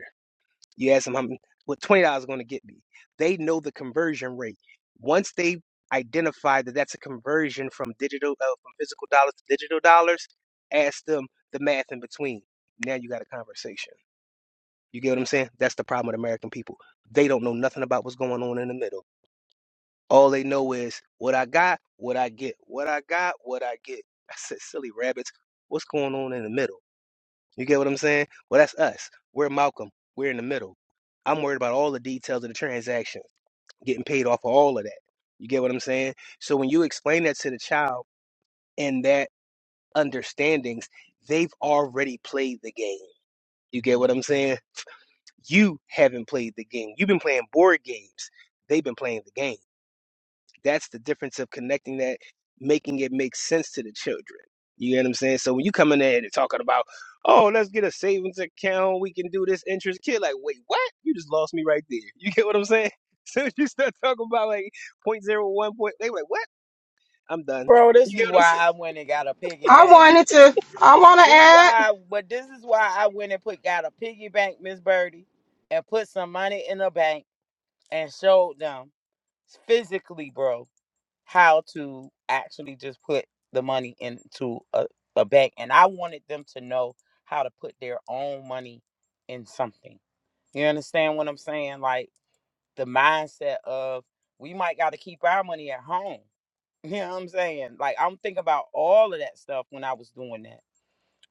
G: You ask them how many, what twenty dollars is going to get me. They know the conversion rate. Once they identify that that's a conversion from digital uh, from physical dollars to digital dollars, ask them the math in between. Now you got a conversation. You get what I'm saying? That's the problem with American people. They don't know nothing about what's going on in the middle. All they know is what I got, what I get, what I got, what I get. I said, silly rabbits, what's going on in the middle? You get what I'm saying? Well, that's us. We're Malcolm. We're in the middle. I'm worried about all the details of the transaction, getting paid off of all of that. You get what I'm saying? So when you explain that to the child and that understandings, they've already played the game. You get what I'm saying? You haven't played the game. You've been playing board games. They've been playing the game. That's the difference of connecting that, making it make sense to the children. You get what I'm saying? So when you come in there and talking about, oh, let's get a savings account, we can do this interest, kid, like, wait, what? You just lost me right there. You get what I'm saying? So you start talking about like point zero 0.01 point, they like, what? I'm done.
D: Bro, this
G: You get
D: is
G: what I'm
D: why
G: saying?
D: I went and got a piggy
H: I
D: bank.
H: wanted to, I want to
D: This is why
H: add.
D: I, but this is why I went and put got a piggy bank, Miss Birdie, and put some money in the bank and showed them physically, bro, how to actually just put the money into a, a bank. And I wanted them to know how to put their own money in something. You understand what I'm saying? Like the mindset of we might got to keep our money at home You know what I'm saying? Like I'm thinking about all of that stuff when I was doing that.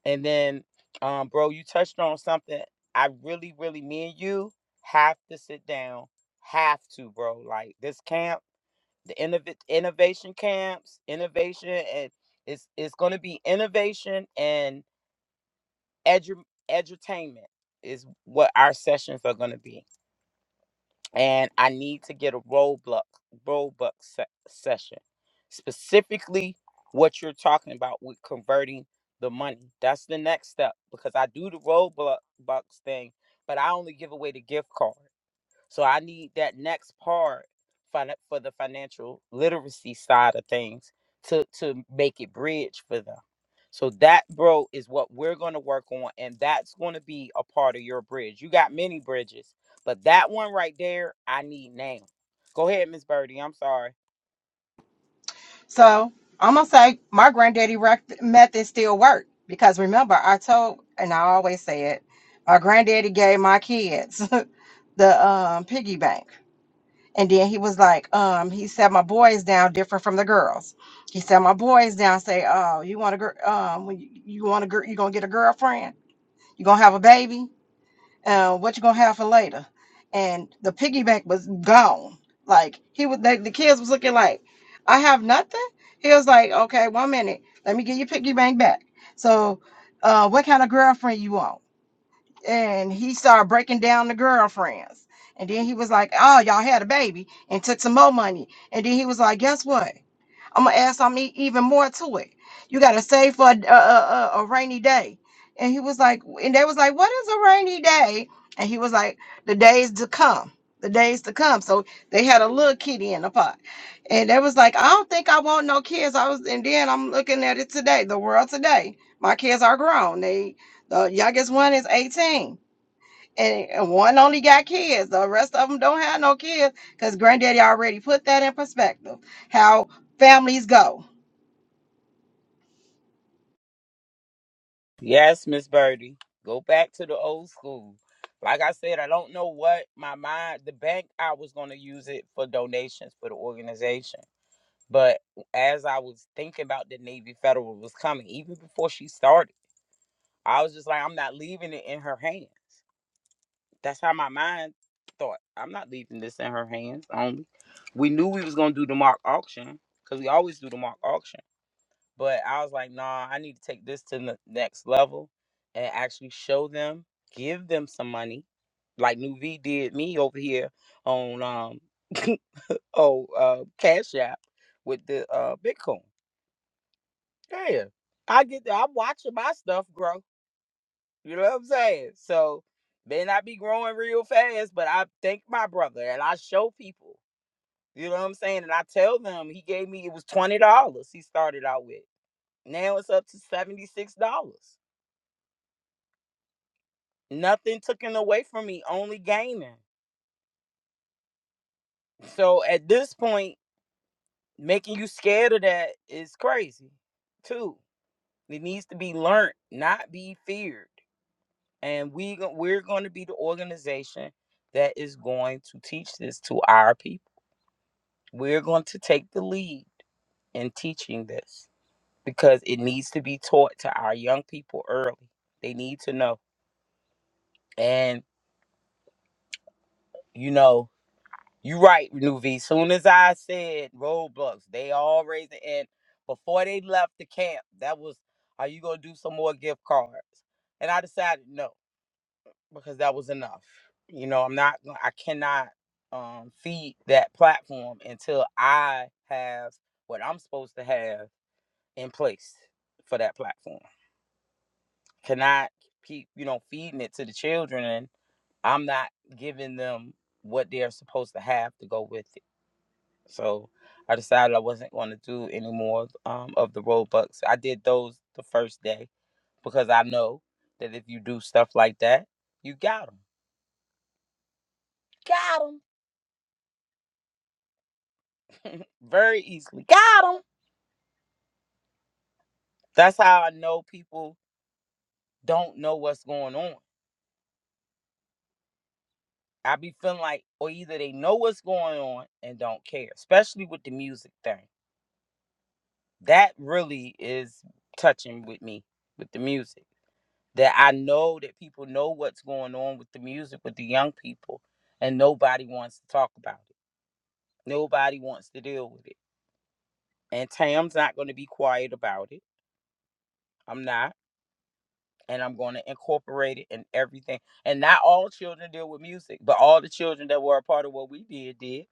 D: And then, um, bro, you touched on something. I really, really, me and you have to sit down. Have to, bro. Like this camp, the innov- innovation camps, innovation, and it's it's gonna be innovation and edu- edutainment is what our sessions are gonna be and I need to get a Roblox Roblox se- session, specifically what you're talking about with converting the money. That's the next step because I do the Roblox thing, but I only give away the gift card. So I need that next part fin- for the financial literacy side of things to to make it bridge for them. So that bro is what we're going to work on and that's going to be a part of your bridge. You got many bridges, but that one right there I need now. Go ahead, Miss Birdie. I'm sorry.
H: So I'm going to say my granddaddy rec- method still worked because remember, I told, and I always say it, my granddaddy gave my kids the um, piggy bank. And then he was like, um, he said, my boys down different from the girls. He said, my boys down say, oh, you want a girl, um, when you, you want a girl, you going to get a girlfriend? You going to have a baby? uh, what you gonna have for later? And the piggyback was gone. Like he was, the, the kids was looking like, I have nothing. He was like, okay, one minute, let me get your piggy bank back. So, uh, what kind of girlfriend you want? And he started breaking down the girlfriends. And then he was like, oh, y'all had a baby, and took some more money. And then he was like, guess what? I'm gonna add some e- even more to it. You gotta save for a, a, a, a rainy day. And he was like, and they was like, what is a rainy day? And he was like, the days to come, the days to come. So they had a little kitty in the pot, and they was like, I don't think I want no kids. I was, and then I'm looking at it today, the world today. My kids are grown. They, the youngest one is 18 and one only got kids. The rest of them don't have no kids because granddaddy already put that in perspective how families go.
D: Yes, Miss Birdie. Go back to the old school. Like I said, I don't know what my mind the bank I was going to use it for donations for the organization But as I was thinking about the Navy Federal was coming, even before she started, I was just like, I'm not leaving it in her hand. That's how my mind thought. I'm not leaving this in her hands only. We knew we was gonna do the mock auction, because we always do the mock auction. But I was like, nah, I need to take this to the next level and actually show them, give them some money. Like New V did me over here on um oh uh Cash App with the uh Bitcoin. Yeah, I get that. I'm watching my stuff grow. You know what I'm saying? So may not be growing real fast, but I thank my brother and I show people. You know what I'm saying? And I tell them he gave me it was twenty dollars. He started out with. Now it's up to seventy six dollars. Nothing taken away from me, only gaining. So at this point, making you scared of that is crazy, too. It needs to be learned, not be feared. and we go- we're going to be the organization that is going to teach this to our people. We're going to take the lead in teaching this because it needs to be taught to our young people early. They need to know. And you know, you right, Nuvi. Soon as I said roadblocks, they all raised the end. Before they left the camp, that was, are you gonna do some more gift cards? And I decided no. because that was enough. You know, I'm not I cannot um feed that platform until I have what I'm supposed to have in place for that platform. Cannot keep, you know, feeding it to the children and I'm not giving them what they're supposed to have to go with it. So I decided I wasn't going to do any more um, of the Robux. I did those the first day because I know that if you do stuff like that, you got got 'em. Got 'em. very easily. Got them. That's how I know people don't know what's going on. I be feeling like, or either they know what's going on and don't care, especially with the music thing. That really is touching with me with the music. That I know that people know what's going on with the music with the young people, and nobody wants to talk about it. Nobody wants to deal with it. And Tam's not going to be quiet about it. I'm not. and I'm going to incorporate it in everything. And not all children deal with music, but all the children that were a part of what we did did.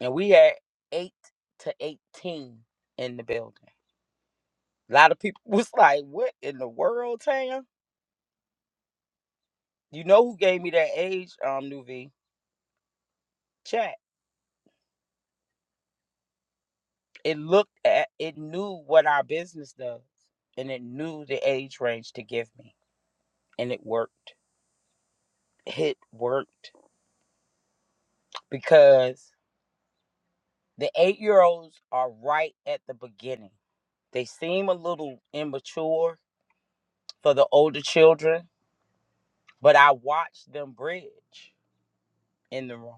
D: And we had eight to 18 in the building. A lot of people was like, what in the world, Tam? You know who gave me that age, um, New Chat. It looked at, it knew what our business does, and it knew the age range to give me. And it worked. It worked because the eight year olds are right at the beginning They seem a little immature for the older children, but I watched them bridge in the room.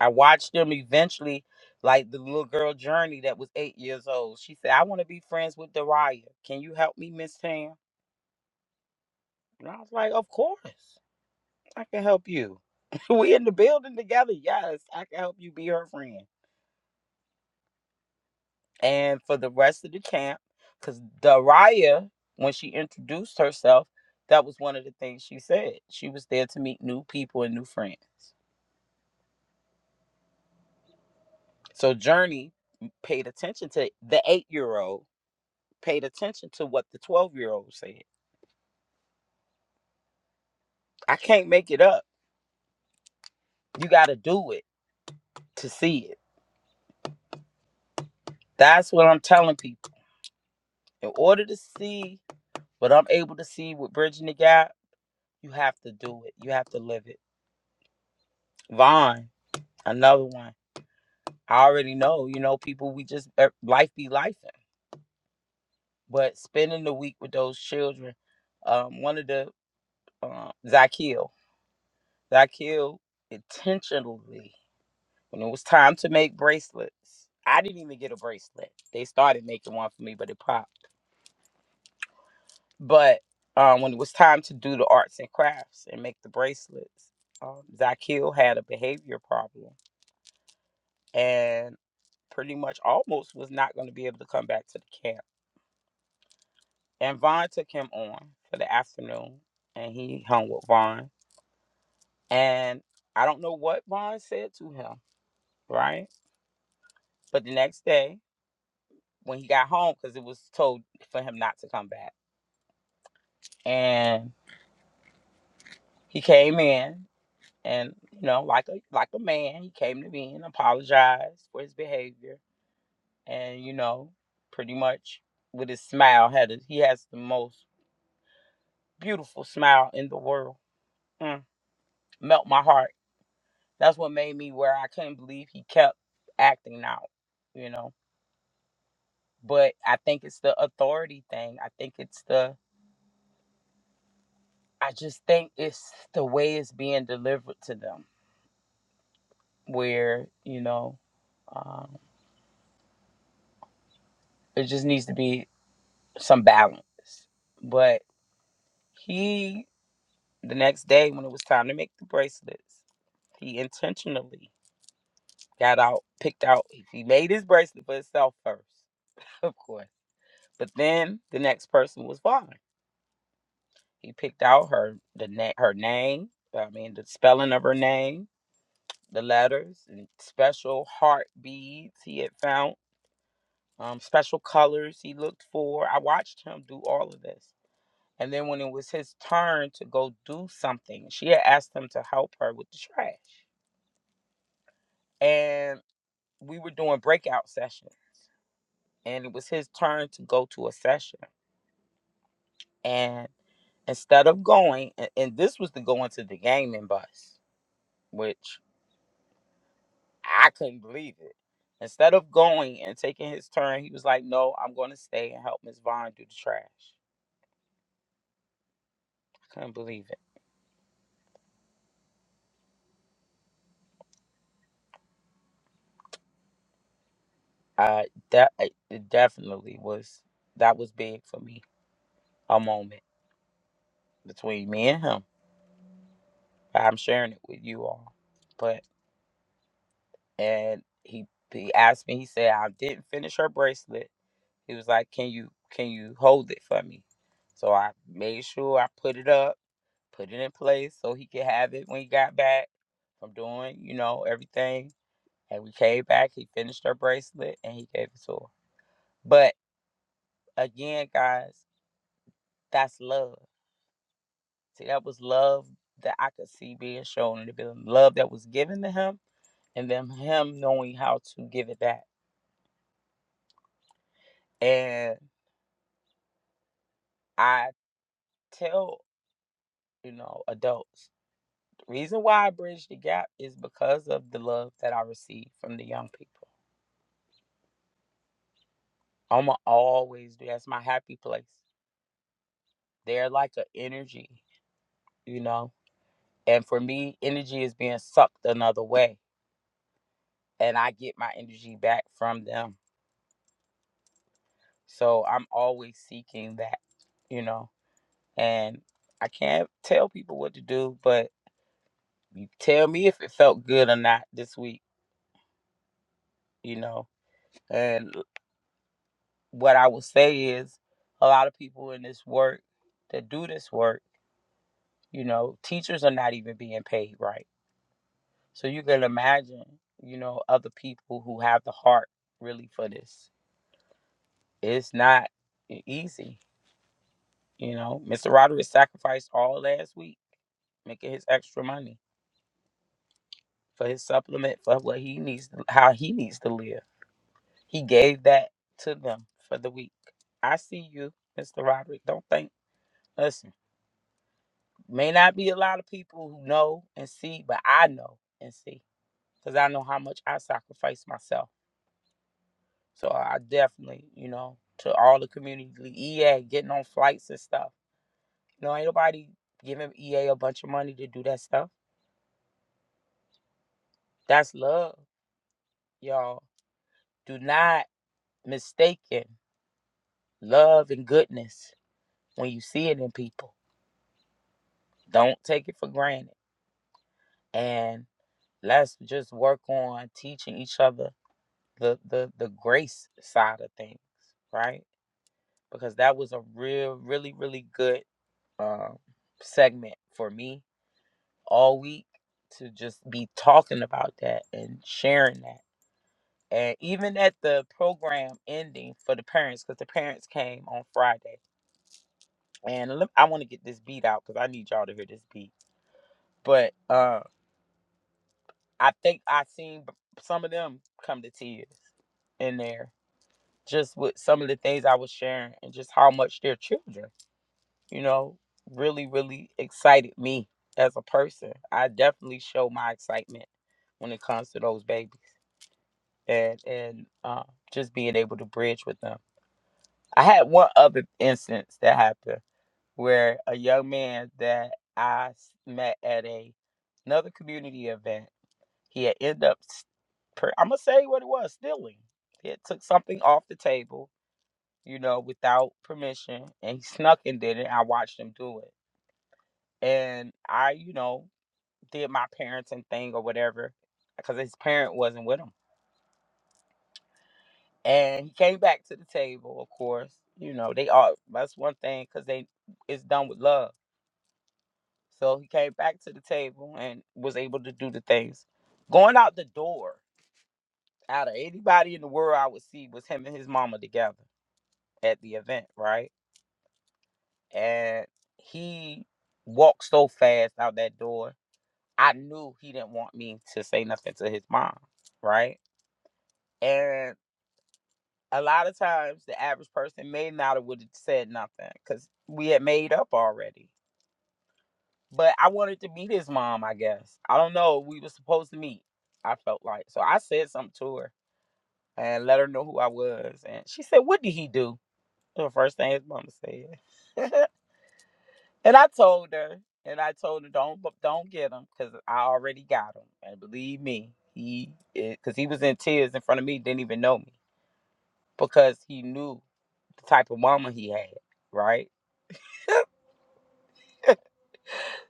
D: I watched them eventually, like the little girl Journey that was eight years old. She said, I want to be friends with Dariah. Can you help me, Miss Tam? And I was like, Of course, I can help you. we in the building together. Yes, I can help you be her friend. and for the rest of the camp because Daria, when she introduced herself, that was one of the things she said. She was there to meet new people and new friends. So Journey paid attention to the eight year old, paid attention to what the 12 year old said. I can't make it up. You got to do it to see it. That's what I'm telling people. In order to see what I'm able to see with Bridging the Gap, you have to do it. You have to live it. Vaughn, another one. I already know, you know, people, we just er, life be life. But spending the week with those children, um, one of the, uh, Zakiel, Zakiel intentionally, when it was time to make bracelets, I didn't even get a bracelet. They started making one for me, but it popped. But um, when it was time to do the arts and crafts and make the bracelets, um, Zakiel had a behavior problem and pretty much almost was not going to be able to come back to the camp And Vaughn took him on for the afternoon and he hung with Vaughn. And I don't know what Vaughn said to him, right? But the next day, when he got home, because it was told for him not to come back. And he came in and, you know, like a like a man, he came to me and apologized for his behavior. And, you know, pretty much with his smile had a, he has the most beautiful smile in the world. Mm, melt my heart That's what made me where I couldn't believe he kept acting out, you know. But I think it's the authority thing. I think it's the I just think it's the way it's being delivered to them where, you know, um, it just needs to be some balance. But he the next day when it was time to make the bracelets, he intentionally got out, picked out he made his bracelet for himself first, of course. But then the next person was Vaughn. He picked out her the na- her name. I mean, the spelling of her name, the letters, and special heart beads he had found. Um, special colors he looked for. I watched him do all of this. And then when it was his turn to go do something, she had asked him to help her with the trash. And we were doing breakout sessions. And it was his turn to go to a session. And instead of going, and, and this was to go into the gaming bus, which I couldn't believe it. Instead of going and taking his turn, he was like, "No, I'm going to stay and help Miss Vaughn do the trash." I couldn't believe it. Uh, that it it definitely was. That was big for me. A moment between me and him. I'm sharing it with you all. But and he he asked me. He said, "I didn't finish her bracelet." He was like, "Can you can you hold it for me?" So I made sure I put it up. put it in place so he could have it when he got back from doing, you know, everything. And we came back, he finished her bracelet and he gave it to her. But again, guys, that's love. See, that was love that I could see being shown in the building. Love that was given to him and then him knowing how to give it back. And I tell, you know, adults, the reason why I bridge the gap is because of the love that I receive from the young people. I'ma always do that's my happy place. They're like an energy, you know? And for me, energy is being sucked another way. And I get my energy back from them. So I'm always seeking that, you know? And I can't tell people what to do, but tell me if it felt good or not this week, you know? And what I will say is a lot of people in this work that do this work, you know, teachers are not even being paid right So you can imagine, you know, other people who have the heart really for this. It's not e- easy, you know. Mr. Roderick sacrificed all last week, making his extra money for his supplement for what he needs, how he needs to live. He gave that to them for the week. I see you, Mr. Roderick. Don't think. Listen, may not be a lot of people who know and see, but I know and see because I know how much I sacrifice myself So I definitely, you know, to all the community EA getting on flights and stuff. You know, ain't nobody giving EA a a bunch of money to do that stuff. That's love, y'all. Do not mistake it. Love and goodness when you see it in people. Don't take it for granted. And let's just work on teaching each other the the, the grace side of things, right? Because that was a real, really, really good um, segment for me all week to just be talking about that and sharing that. And even at the program ending for the parents, because the parents came on Friday, and lem- I want to get this beat out because I need y'all to hear this beat. But uh, I think I seen b- some of them come to tears in there, just with some of the things I was sharing and just how much their children, you know, really, really excited me as a person. I definitely show my excitement when it comes to those babies. and and um, just being able to bridge with them. I had one other instance that happened where a young man that I met at a another community event, he had ended up, per, I'm gonna say what it was, stealing. He had took something off the table, you know, without permission, and he snuck and did it. I watched him do it, and I, you know, did my parenting thing or whatever, because his parent wasn't with him and he came back to the table of course you know they all that's one thing because they it's done with love so he came back to the table and was able to do the things going out the door out of anybody in the world i would see was him and his mama together at the event right and he walked so fast out that door i knew he didn't want me to say nothing to his mom right and a lot of times the average person may not have would have said nothing because we had made up already. But I wanted to meet his mom, I guess. I don't know. We were supposed to meet. I felt like so I said something to her and let her know who I was, and she said, "What did he do?" The first thing his mama said, and I told her, and I told her, "Don't don't get him because I already got him." And believe me, he because he was in tears in front of me, didn't even know me because he knew the type of mama he had, right?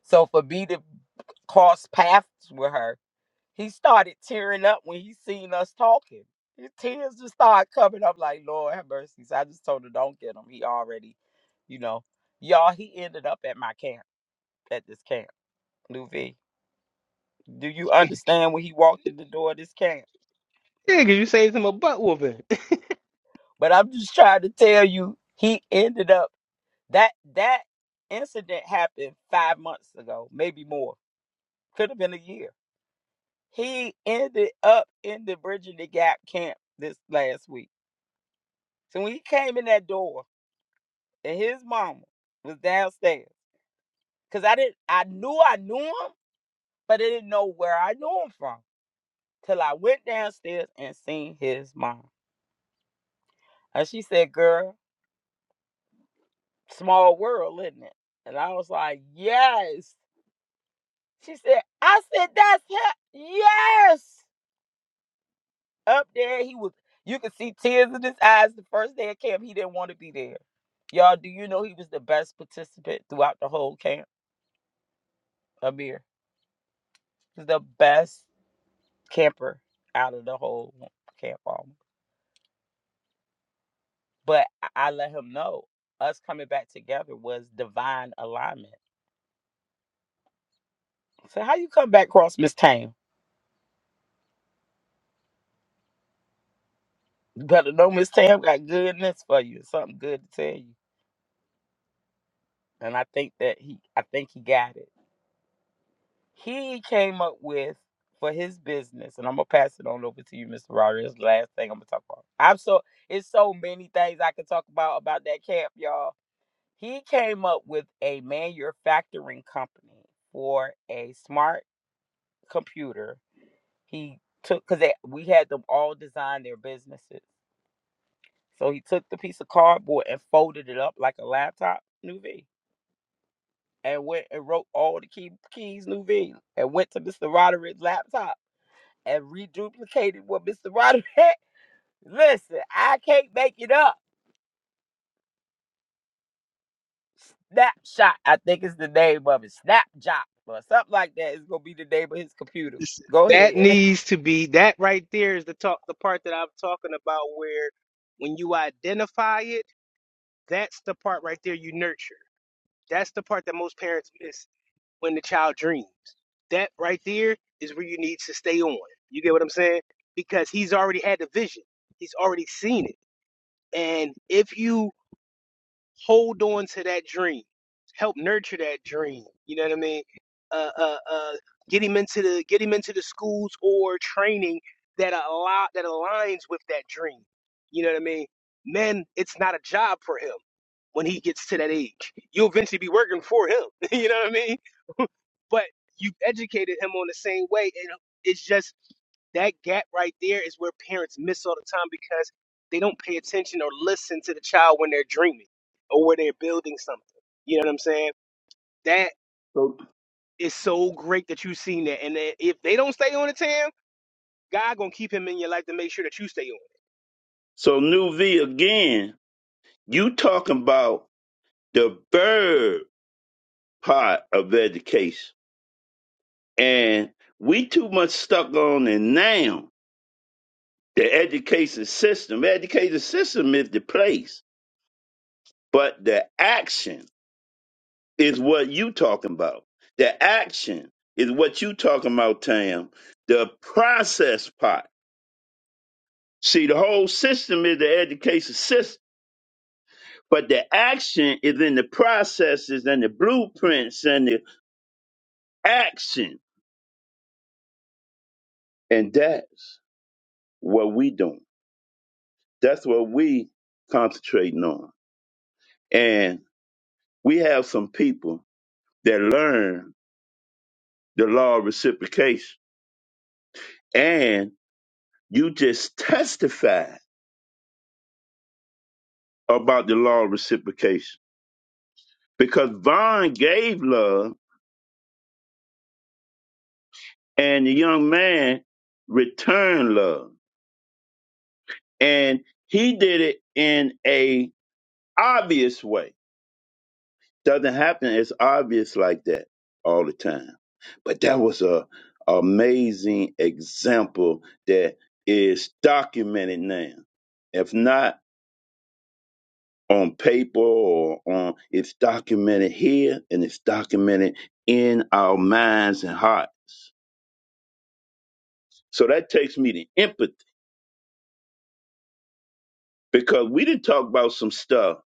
D: So for B to cross paths with her, he started tearing up when he seen us talking. His tears just started coming up like, Lord have mercy. So I just told her, don't get him. He already, you know, y'all, he ended up at my camp, at this camp, Nuvi. Do you understand when he walked in the door of this camp?
G: Yeah, because you saved him a butt whooping.
D: But I'm just trying to tell you, he ended up that that incident happened five months ago, maybe more. Could have been a year He ended up in the Bridging the Gap camp this last week. So when he came in that door and his mama was downstairs, because I didn't I knew I knew him, but I didn't know where I knew him from. Till I went downstairs and seen his mom. And she said, Girl, small world, isn't it? And I was like, Yes. She said, I said, That's him. Yes. up there. He was you could see tears in his eyes the first day of camp. He didn't want to be there. Y'all, do you know he was the best participant throughout the whole camp? Amir. He's the best camper out of the whole camp almost. But I, I let him know us coming back together was divine alignment. So how you come back across Miss Tam? You better know Miss Tam got goodness for you, something good to tell you. And I think that he I think he got it. he came up with for his business, and I'm gonna pass it on over to you, Mr. Rodriguez. Last thing I'm gonna talk about. I'm so it's so many things I can talk about about that camp, y'all. He came up with a manufacturing company for a smart computer. He took because we had them all design their businesses. So he took the piece of cardboard and folded it up like a laptop, new V, and went and wrote all the key keys, new V, and went to Mr. Roderick's laptop and reduplicated what Mr. Roderick had. Listen, I can't make it up. Snapshot, I think is the name of it. Snapjot or something like that is gonna be the name of his computer.
G: This-
D: Go
G: that
D: ahead.
G: needs to be that right there is the talk the part that I'm talking about where when you identify it, that's the part right there you nurture. That's the part that most parents miss when the child dreams. That right there is where you need to stay on. You get what I'm saying? Because he's already had the vision. He's already seen it. And if you hold on to that dream, help nurture that dream. You know what I mean? Uh, uh, uh, get him into the get him into the schools or training that allow that aligns with that dream. You know what I mean? Men, it's not a job for him when he gets to that age. You'll eventually be working for him. you know what I mean? But you educated him on the same way. And it's just that gap right there is where parents miss all the time because they don't pay attention or listen to the child when they're dreaming or where they're building something. You know what I'm saying? That
A: So,
G: is so great that you've seen that. And that if they don't stay on the team, God gonna keep him in your life to make sure that you stay on.
A: so New V again. You talking about the bird part of education, and we too much stuck on it now. The education system, education system is the place, but the action. is what you talking about. The action is what you talking about, Tam. The process part. See, the whole system is the education system, but the action is in the processes and the blueprints and the action. And that's what we doing. That's what we concentrating on. And we have some people that learn the law of reciprocation. And you just testify about the law of reciprocation because Vaughn gave love and the young man returned love. And he did it in a obvious way. Doesn't happen as obvious like that all the time. But that was a amazing example that is documented now. If not on paper or on it's documented here and it's documented in our minds and hearts. So that takes me to empathy because we didn't talk about some stuff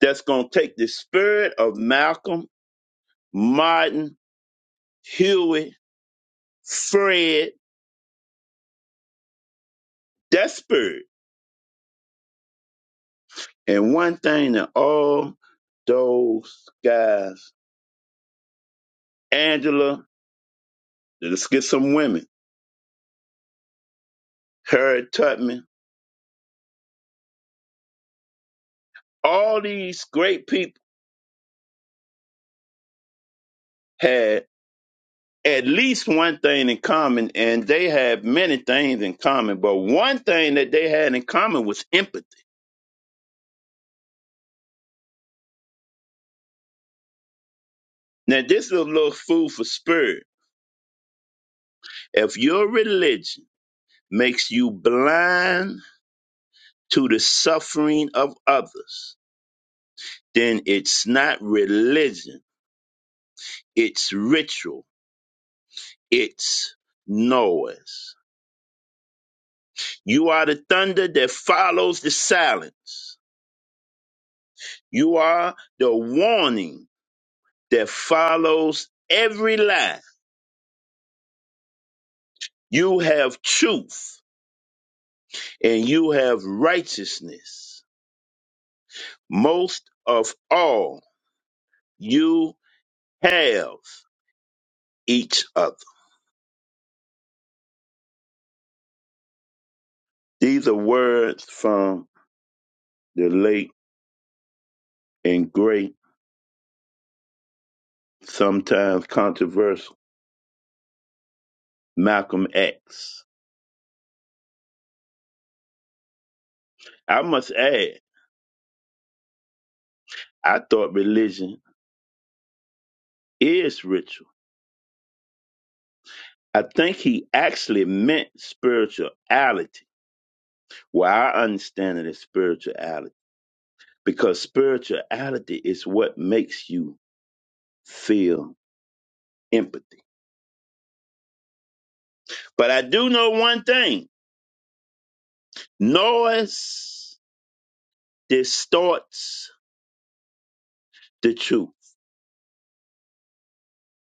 A: that's going to take the spirit of Malcolm, Martin, Huey, Fred, that spirit. And one thing that all those guys, Angela, let's get some women, Harriet Tubman, all these great people had at least one thing in common, and they had many things in common, but one thing that they had in common was empathy. Now, this is a little food for spirit If your religion makes you blind to the suffering of others, then it's not religion, it's ritual, it's noise. You are the thunder that follows the silence. You are the warning that follows every lie. You have truth and you have righteousness. Most of all, you have each other. These are words from the late and great, sometimes controversial Malcolm X. I must add, I thought religion is ritual. I think he actually meant spirituality. Well, I understand it as spirituality because spirituality is what makes you feel empathy. But I do know one thing noise distorts the truth.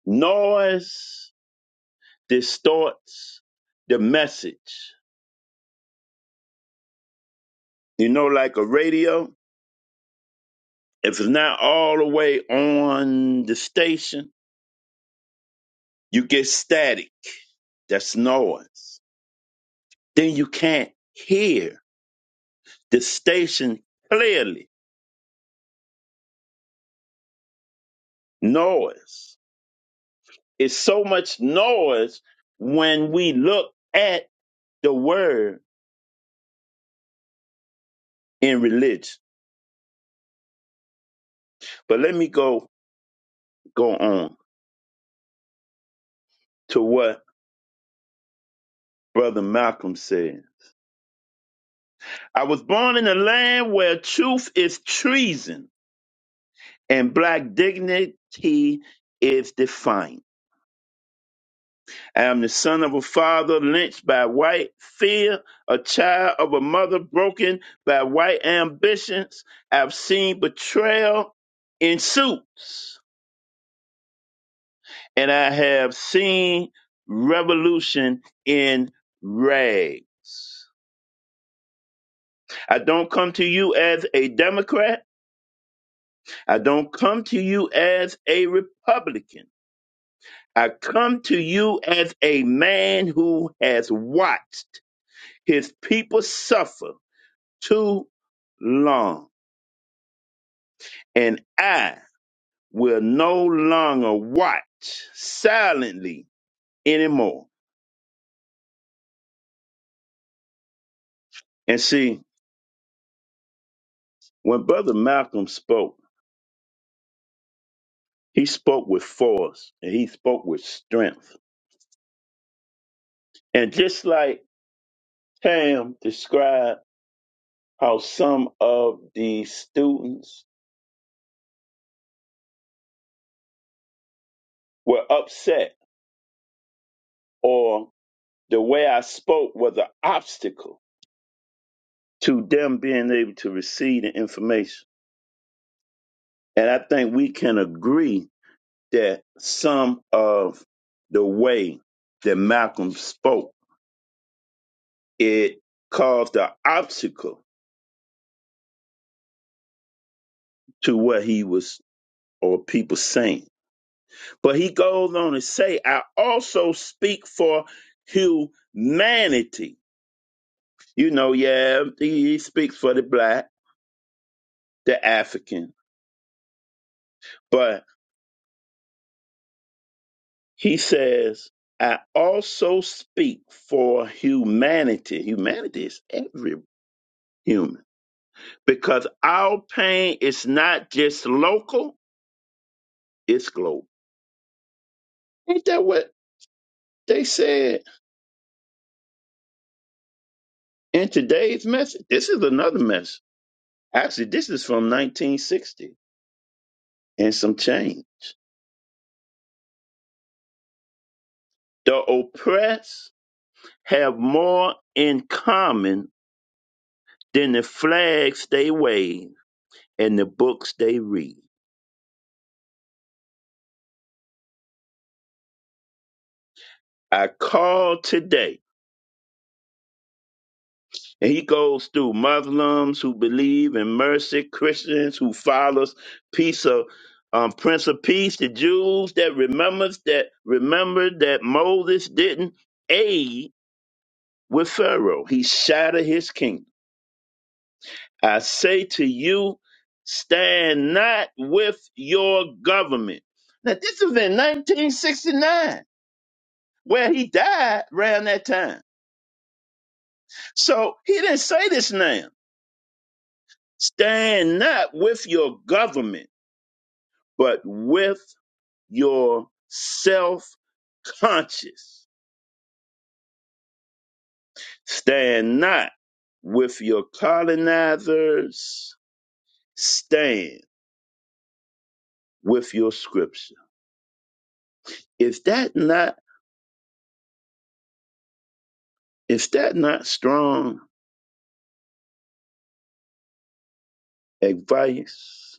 A: Noise distorts the message. You know, like a radio, if it's not all the way on the station, you get static. That's noise. Then you can't hear the station clearly. Noise. It's so much noise when we look at the word in religion. But let me go go on to what Brother Malcolm said. I was born in a land where truth is treason and black dignity is defiant. I am the son of a father lynched by white fear, a child of a mother broken by white ambitions. I've seen betrayal in suits, and I have seen revolution in rags. I don't come to you as a Democrat. I don't come to you as a Republican. I come to you as a man who has watched his people suffer too long, and I will no longer watch silently anymore. And see, when Brother Malcolm spoke, he spoke with force and he spoke with strength. And just like Tam described how some of the students were upset or The way I spoke was an obstacle to them being able to receive the information. And I think we can agree that some of the way that Malcolm spoke, it caused an obstacle to what he was or people saying. But he goes on to say, I also speak for humanity. You know, yeah, he he speaks for the black, the African. but. He says, I also speak for humanity. Humanity is every human because our pain is not just local, it's global. Ain't that what they said in today's message? This is another message. Actually, this is from 1960 and some change. The oppressed have more in common than the flags they wave and the books they read. I call today And he goes through Muslims who believe in mercy, Christians who follows peace of um, Prince of Peace, the Jews that remembers that remember that Moses didn't aid with Pharaoh. He shattered his kingdom. I say to you, stand not with your government. Now this is in 1969, where he died around that time. So he didn't say this now. Stand not with your government but with your self conscious. Stand not with your colonizers, stand with your scripture. Is that not is that not strong advice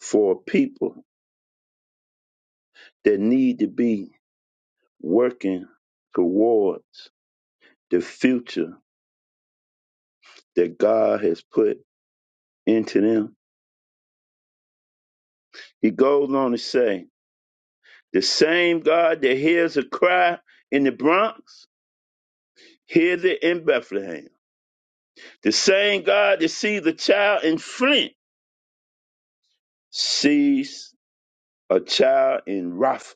A: for people that need to be working towards the future that God has put into them? He goes on to say, The same God that hears a cry in the Bronx hears it in Bethlehem. The same God that sees a child in Flint sees a child in Rafa.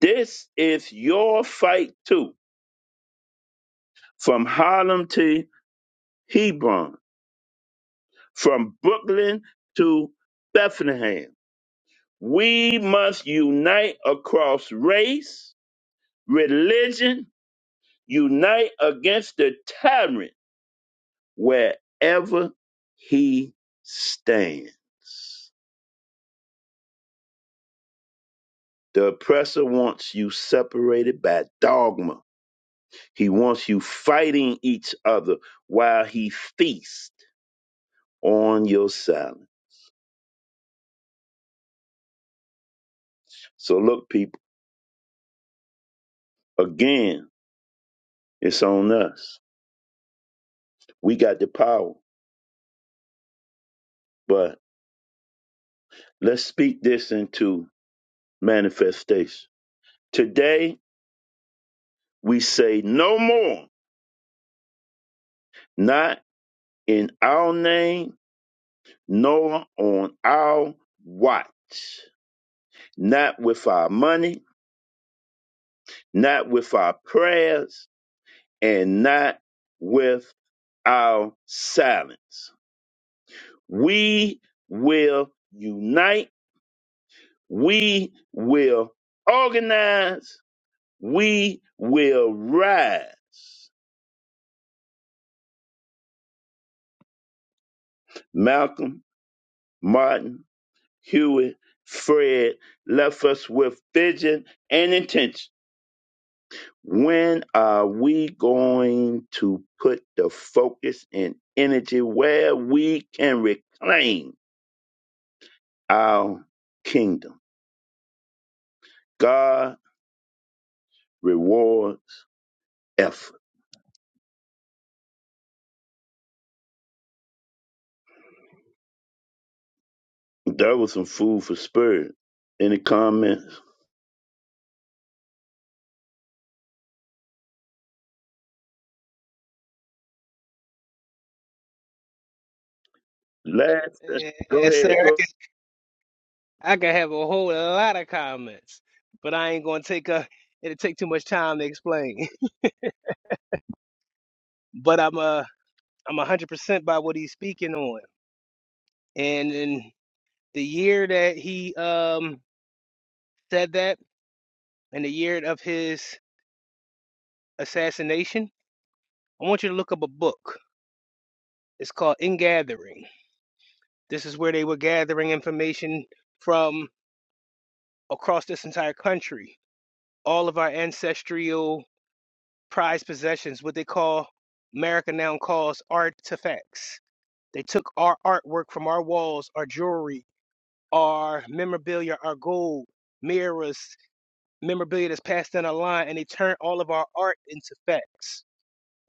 A: This is your fight too. From Harlem to Hebron, from Brooklyn to Bethlehem. We must unite across race, religion, unite against the tyrant Wherever he stands, the oppressor wants you separated by dogma. He wants you fighting each other while he feasts on your silence. So, look, people, again, it's on us. We got the power, but let's speak this into manifestation. Today, we say no more, not in our name Noah on our watch, not with our money, not with our prayers, and not with our silence. We will unite, we will organize, we will rise. Malcolm, Martin, Hewitt, Fred left us with vision and intention When are we going to put the focus and energy where we can reclaim our kingdom? God rewards effort. That was some food for spirit. Any comments? Last,
G: it.
A: go
G: Yes,
A: ahead.
G: sir.
A: Go.
G: I could have a whole lot of comments, but I ain't gonna take a. It'll take too much time to explain. But I'm uh I'm a hundred percent by what he's speaking on, and in the year that he um said that, and the year of his assassination, I want you to look up a book. It's called In Gathering. This is where they were gathering information from across this entire country, all of our ancestral prized possessions, what they call America now calls artifacts. They took our artwork from our walls, our jewelry, our memorabilia, our gold, mirrors, memorabilia that's passed down a line, and they turned all of our art into facts.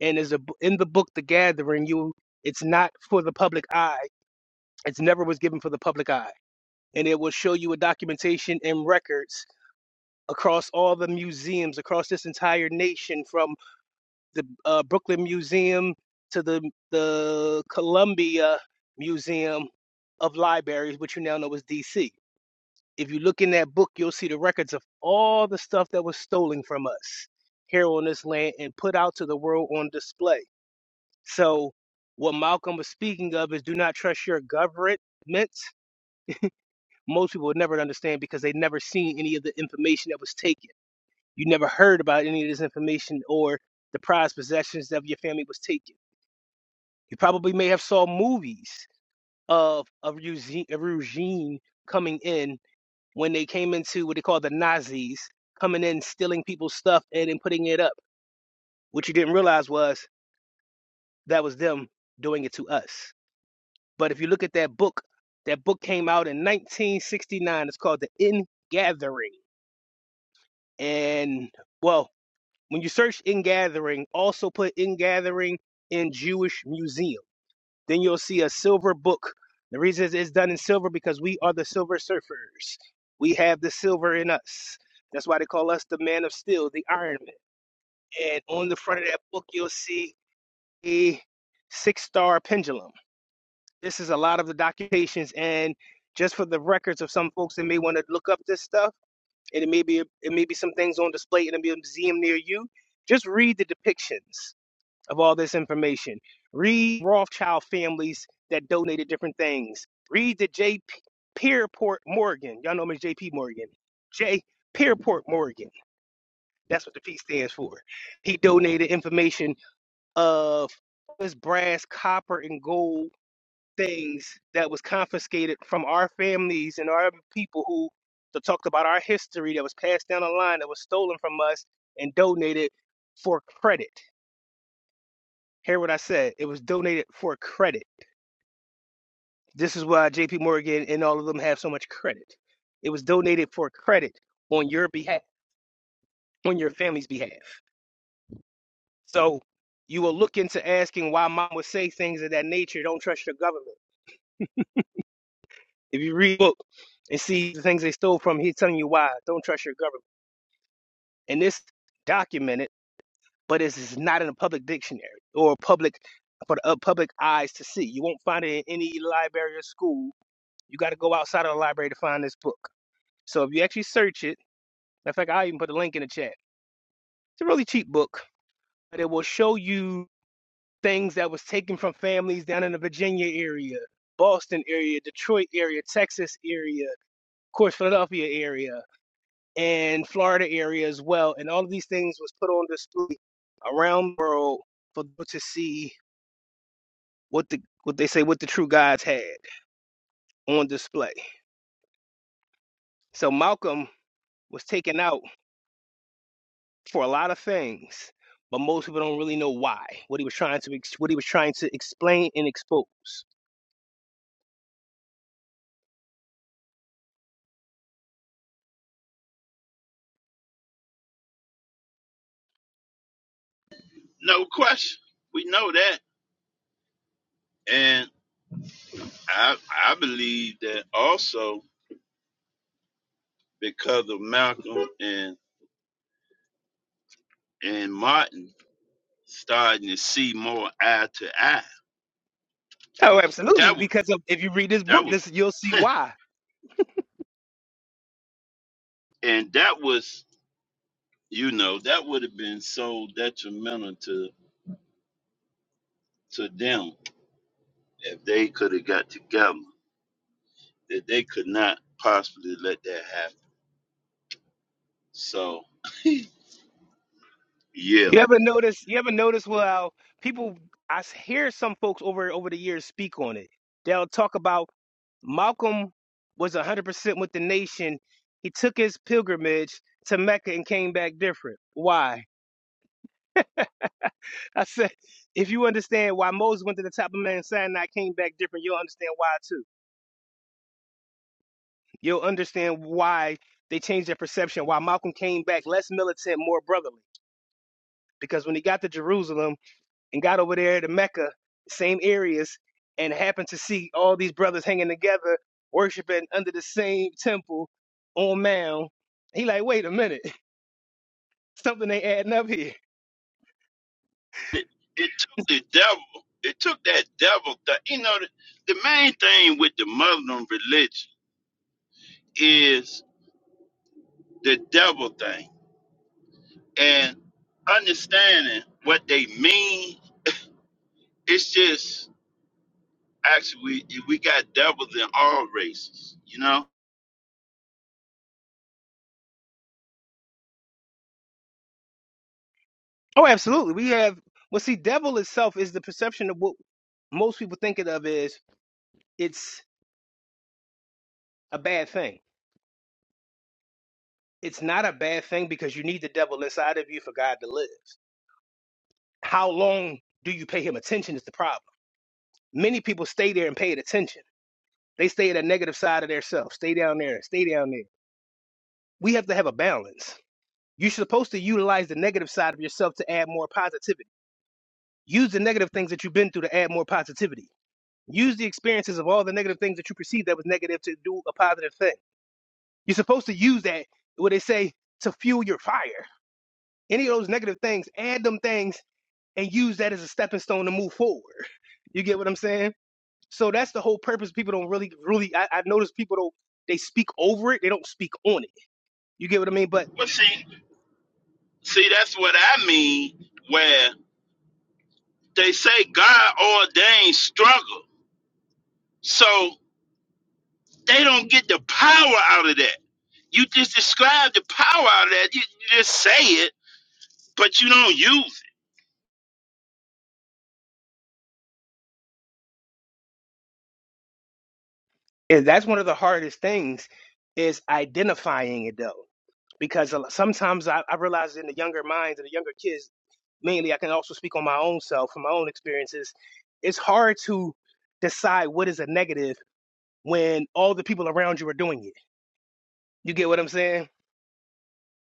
G: And as a in the book, The Gathering, you it's not for the public eye. It's never was given for the public eye, and it will show you a documentation and records across all the museums across this entire nation from the uh, Brooklyn Museum to the the Columbia Museum of Libraries, which you now know is D.C. If you look in that book, you'll see the records of all the stuff that was stolen from us here on this land and put out to the world on display. So, what Malcolm was speaking of is do not trust your government. Most people would never understand because they never seen any of the information that was taken. You never heard about any of this information or the prized possessions that your family was taken. You probably may have saw movies of of regime, regime coming in when they came into what they call the Nazis, coming in, stealing people's stuff and then putting it up. What you didn't realize was that was them doing it to us. But if you look at that book, that book came out in 1969. It's called The In Gathering. And well, when you search In Gathering, also put In Gathering in Jewish Museum Then you'll see a silver book. The reason it's done in silver because we are the silver surfers. We have the silver in us. That's why they call us the man of steel, the Iron Man. And on the front of that book, you'll see a six star pendulum. This is a lot of the documentations and just for the records of some folks that may want to look up this stuff, and it may be it may be some things on display in a museum near you. Just read the depictions of all this information. Read Rothschild families that donated different things. Read the J. Pierpont Morgan. Y'all know him as J.P. Morgan. J. Pierpont Morgan. That's what the P stands for. He donated information of his brass, copper, and gold things that was confiscated from our families and our people who that talked about our history that was passed down the line that was stolen from us and donated for credit. Hear what I said. It was donated for credit. This is why JP Morgan and all of them have so much credit. It was donated for credit on your behalf, on your family's behalf. So you will look into asking why mom would say things of that nature. Don't trust your government. If you read the book and see the things they stole from, he's telling you why. Don't trust your government. And this documented, but it's it's not in a public dictionary or a public for the uh, public eyes to see. You won't find it in any library or school You got to go outside of the library to find this book. So if you actually search it, in fact, I'll even put a link in the chat. It's a really cheap book, but it will show you things that was taken from families down in the Virginia area, Boston area, Detroit area, Texas area, of course, Philadelphia area, and Florida area as well. And all of these things was put on display around the world for people to see what the what they say what the true gods had on display. So Malcolm was taken out for a lot of things, but most people don't really know why. What he was trying to ex- what he was trying to explain and expose.
A: No question. We know that. And I I believe that also because of Malcolm and and Martin starting to see more eye to eye.
G: Oh, absolutely.
A: That was
G: Because of, if you read this
A: that
G: book,
A: was.
G: this you'll see why.
A: and that was you know that would have been so detrimental to to them if they could have got together that they could not possibly let that happen so yeah
G: You ever notice? You ever notice? Well, people I s- hear some folks over over the years speak on it. They'll talk about Malcolm was one hundred percent with the nation. He took his pilgrimage to Mecca and came back different. Why? I said, if you understand why Moses went to the top of Mount Sinai, came back different, you'll understand why too. You'll understand why they changed their perception, why Malcolm came back less militant, more brotherly. Because when he got to Jerusalem and got over there to Mecca, same areas, and happened to see all these brothers hanging together, worshiping under the same temple on Mount, he like, wait a minute, something ain't adding up here.
A: it, it took the devil it took that devil th- you know the, the main thing with the muslim religion is the devil thing and understanding what they mean it's actually we, we got devils in all races you know
G: Oh, absolutely. We have well see, devil itself is the perception of what most people think it of is it's a bad thing. It's not a bad thing because you need the devil inside of you for God to live. How long do you pay him attention is the problem. Many people stay there and pay it attention. They stay at a negative side of themselves. Stay down there, stay down there. We have to have a balance. You're supposed to utilize the negative side of yourself to add more positivity. Use the negative things that you've been through to add more positivity. Use the experiences of all the negative things that you perceive that was negative to do a positive thing. You're supposed to use that, what they say, to fuel your fire. Any of those negative things, add them things and use that as a stepping stone to move forward. You get what I'm saying? So that's the whole purpose. People don't really, really. I, I notice people don't. They speak over it. They don't speak on it. You get what I mean? But
A: well see See, that's what I mean, where they say God ordained struggle. So they don't get that. You have the power, it, but you don't use
G: and that's one of the hardest things is identifying it though, because a lot- sometimes I, I realize in the younger minds and the younger kids, mainly I can also speak on my own self from my own experiences. It's hard to decide what is a negative when all the people around you are doing it. You get what I'm saying?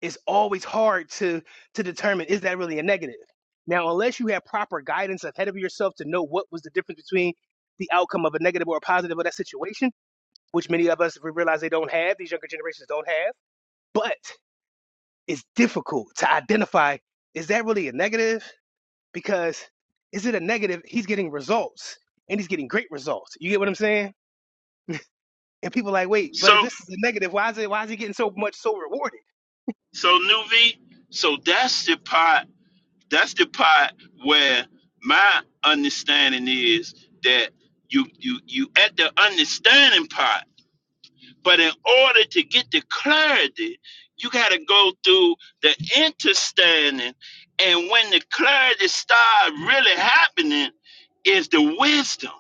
G: it's always hard to to determine is that really a negative now unless you have proper guidance ahead of yourself to know what was the difference between the outcome of a negative or a positive of that situation which many of us we realize they don't have these younger generations don't have but it's difficult to identify is that really a negative because is it a negative he's getting results and he's getting great results you get what i'm saying and people like wait
A: it. So,
G: but if this is a negative why is it why is he getting so much so rewarded
A: so Nuvi, so that's the part, that's the part where my understanding is that you, you, you at the understanding part But in order to get the clarity, you got to go through the understanding. And when the clarity starts really happening, is the wisdom.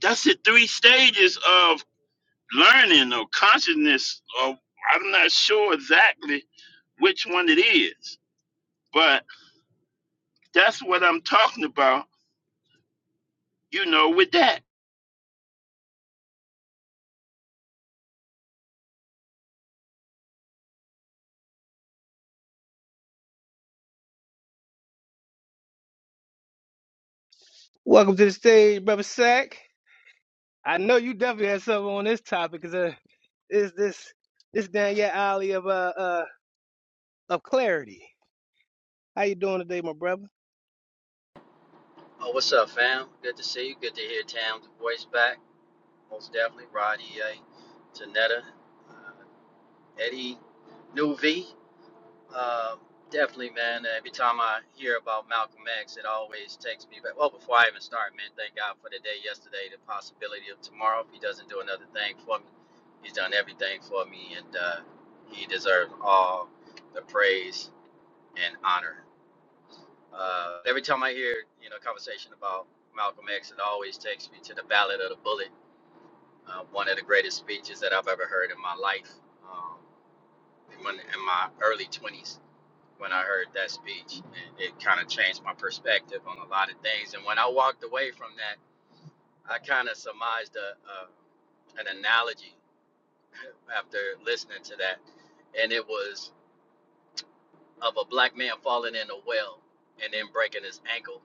A: That's the three stages of learning or consciousness. Or I'm not sure exactly which one it is, but that's what I'm talking about. You know, with that
G: welcome to the stage brother sack I know you definitely had something on this topic, cause uh, is this this down your alley of uh, uh of clarity? How you doing today, my brother?
I: Oh, what's up, fam? Good to see you. Good to hear Tam's voice back. Most definitely. Rod EA, Janetta, uh, Eddie, New V. Uh, definitely, man. Every time I hear about Malcolm X, it always takes me back. Well, before I even start, man, thank God for the day yesterday, the possibility of tomorrow. If he doesn't do another thing for me, he's done everything for me, and uh, he deserves all the praise and honor. Uh, every time I hear you know conversation about Malcolm X, it always takes me to the Ballad of the Bullet, uh, one of the greatest speeches that I've ever heard in my life. Um, when in my early 20s, when I heard that speech, it, it kind of changed my perspective on a lot of things. And when I walked away from that, I kind of surmised a, a, an analogy after listening to that, and it was of a black man falling in a well and then breaking his ankle,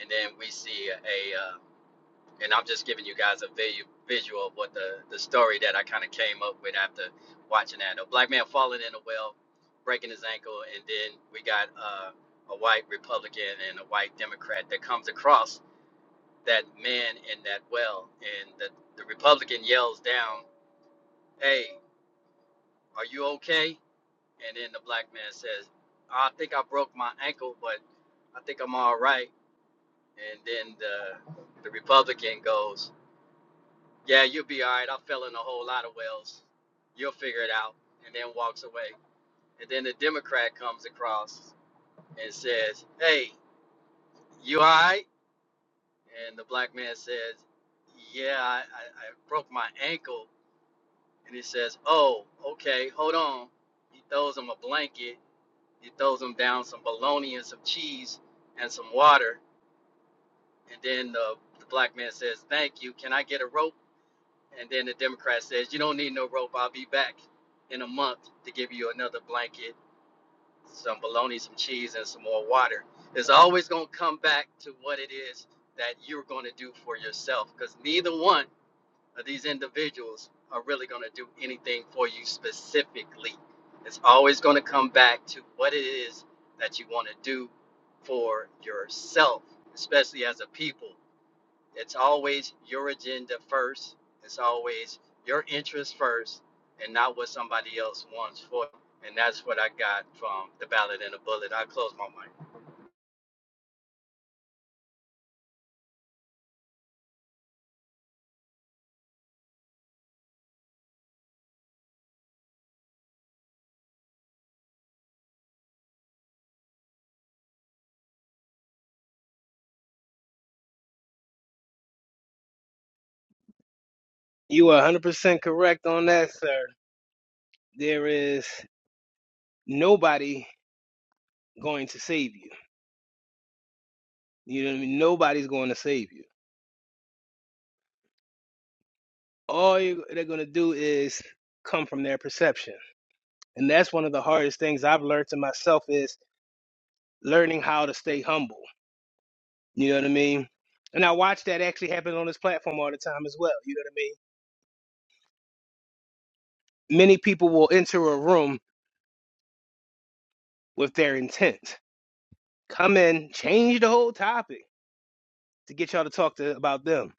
I: and then we see a, a uh, and I'm just giving you guys a vi- visual of what the, the story that I kind of came up with after watching that. A black man falling in a well, breaking his ankle, and then we got uh, a white Republican and a white Democrat that comes across that man in that well, and the, the Republican yells down, "Hey, are you okay?" And then the black man says, "I think I broke my ankle, but I think I'm all right." And then the the Republican goes, Yeah, you'll be all right. I fell in a whole lot of wells. You'll figure it out. And then walks away. And then the Democrat comes across and says, Hey, you all right? And the black man says, Yeah, I, I, I broke my ankle. And he says, Oh, okay, hold on. He throws him a blanket. He throws him down some bologna and some cheese and some water. And then the, the black man says, Thank you. Can I get a rope? And then the Democrat says, You don't need no rope. I'll be back in a month to give you another blanket, some bologna, some cheese, and some more water. It's always going to come back to what it is that you're going to do for yourself because neither one of these individuals are really going to do anything for you specifically. It's always going to come back to what it is that you want to do for yourself, especially as a people. It's always your agenda first. It's always your interest first and not what somebody else wants for you. And that's what I got from the ballot and the bullet. I close my
G: You are 100% correct on that, sir. There is nobody going to save you. You know what I mean? Nobody's going to save you. All you, they're going to do is come from their perception, and that's one of the hardest things I've learned to myself is learning how to stay humble. You know what I mean? And I watch that actually happen on this platform all the time as well. You know what I mean? many people will enter a room with their intent. Come in, change the whole topic to get y'all to talk to about them.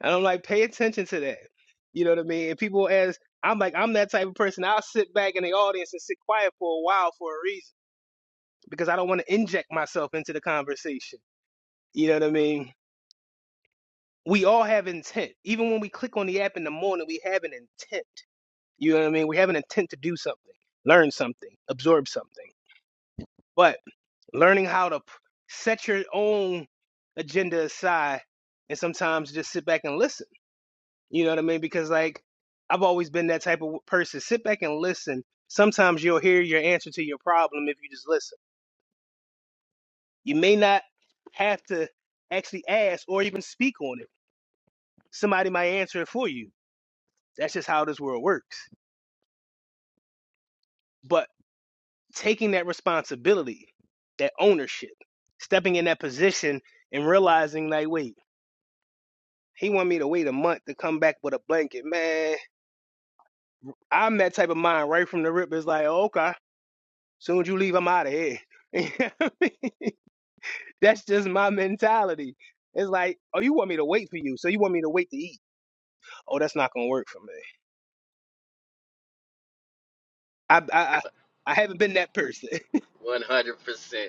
G: And I'm like, pay attention to that. You know what I mean? And people ask, I'm like, I'm that type of person. I'll sit back in the audience and sit quiet for a while for a reason because I don't want to inject myself into the conversation. You know what I mean? We all have intent. Even when we click on the app in the morning, we have an intent. You know what I mean? We have an intent to do something, learn something, absorb something. But learning how to p- set your own agenda aside and sometimes just sit back and listen. You know what I mean? Because like I've always been that type of person. Sit back and listen. Sometimes you'll hear your answer to your problem if you just listen. You may not have to actually ask or even speak on it. Somebody might answer it for you. That's just how this world works. But taking that responsibility, that ownership, stepping in that position and realizing like, wait, He wanted me to wait a month to come back with a blanket. Man, I'm that type of mind right from the rip. It's like, "Oh, okay, soon as you leave, I'm out of here. You know what I mean? that's just my mentality. It's like, oh, you want me to wait for you, so you want me to wait to eat. Oh, that's not gonna work for me. I I I I haven't been that person.
I: mic. 100%.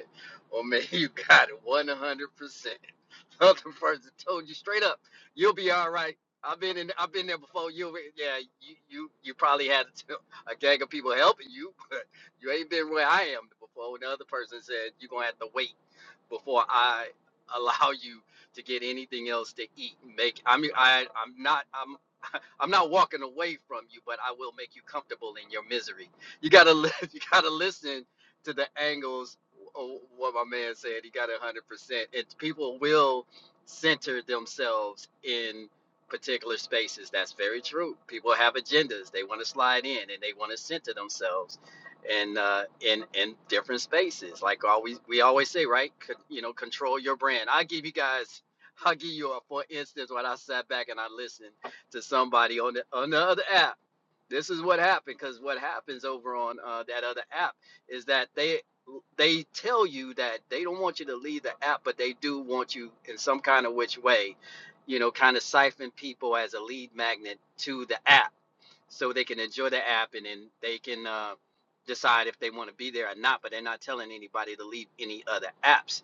I: Well, man, you got it 100%. Other person told you straight up, you'll be all right. I've been in, I've been there before. You, yeah, you, you, you probably had a gang of people helping you, but you ain't been where I am before. And the other person said you're gonna have to wait. before I allow you to get anything else to eat. Make I mean I I'm not I'm I'm not walking away from you, but I will make you comfortable in your misery. You gotta li- you gotta listen to the angles. of What my man said, he got it hundred percent. And people will center themselves in particular spaces. That's very true. People have agendas. They want to slide in and they want to center themselves and uh, in in different spaces. Like always, we always say, right? Con- you know, control your brand. I give you guys, I'll give you a for instance when I sat back and I listened to somebody on the on the other app. This is what happened because what happens over on uh, that other app is that they they tell you that they don't want you to leave the app, but they do want you in some kind of which way, you know, kind of siphon people as a lead magnet to the app so they can enjoy the app and then they can uh, decide if they want to be there or not. But they're not telling anybody to leave any other apps.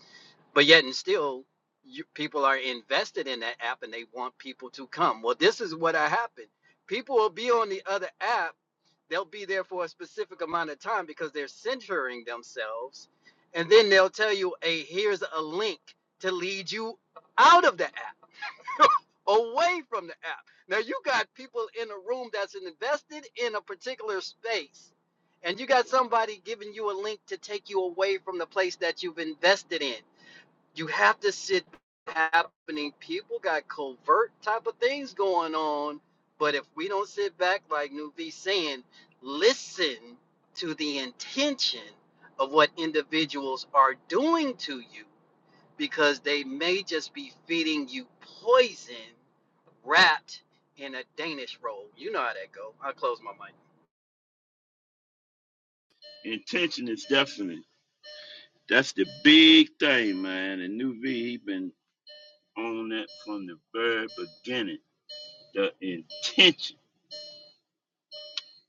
I: But yet and still, you, people are invested in that app and they want people to come. Well, this is what happened. People will be on the other app. They'll be there for a specific amount of time because they're centering themselves, and then they'll tell you, "Hey, here's a link to lead you out of the app." away from the app. Now you got people in a room that's invested in a particular space, and you got somebody giving you a link to take you away from the place that you've invested in. You have to sit happening. People got covert type of things going on, but if we don't sit back, like Nuvi saying, listen to the intention of what individuals are doing to you because they may just be feeding you poison wrapped in a Danish roll. You know how that go. I'll close my mic.
A: intention is definitely that's the big thing, man. And New V, he been on that from the very beginning The intention.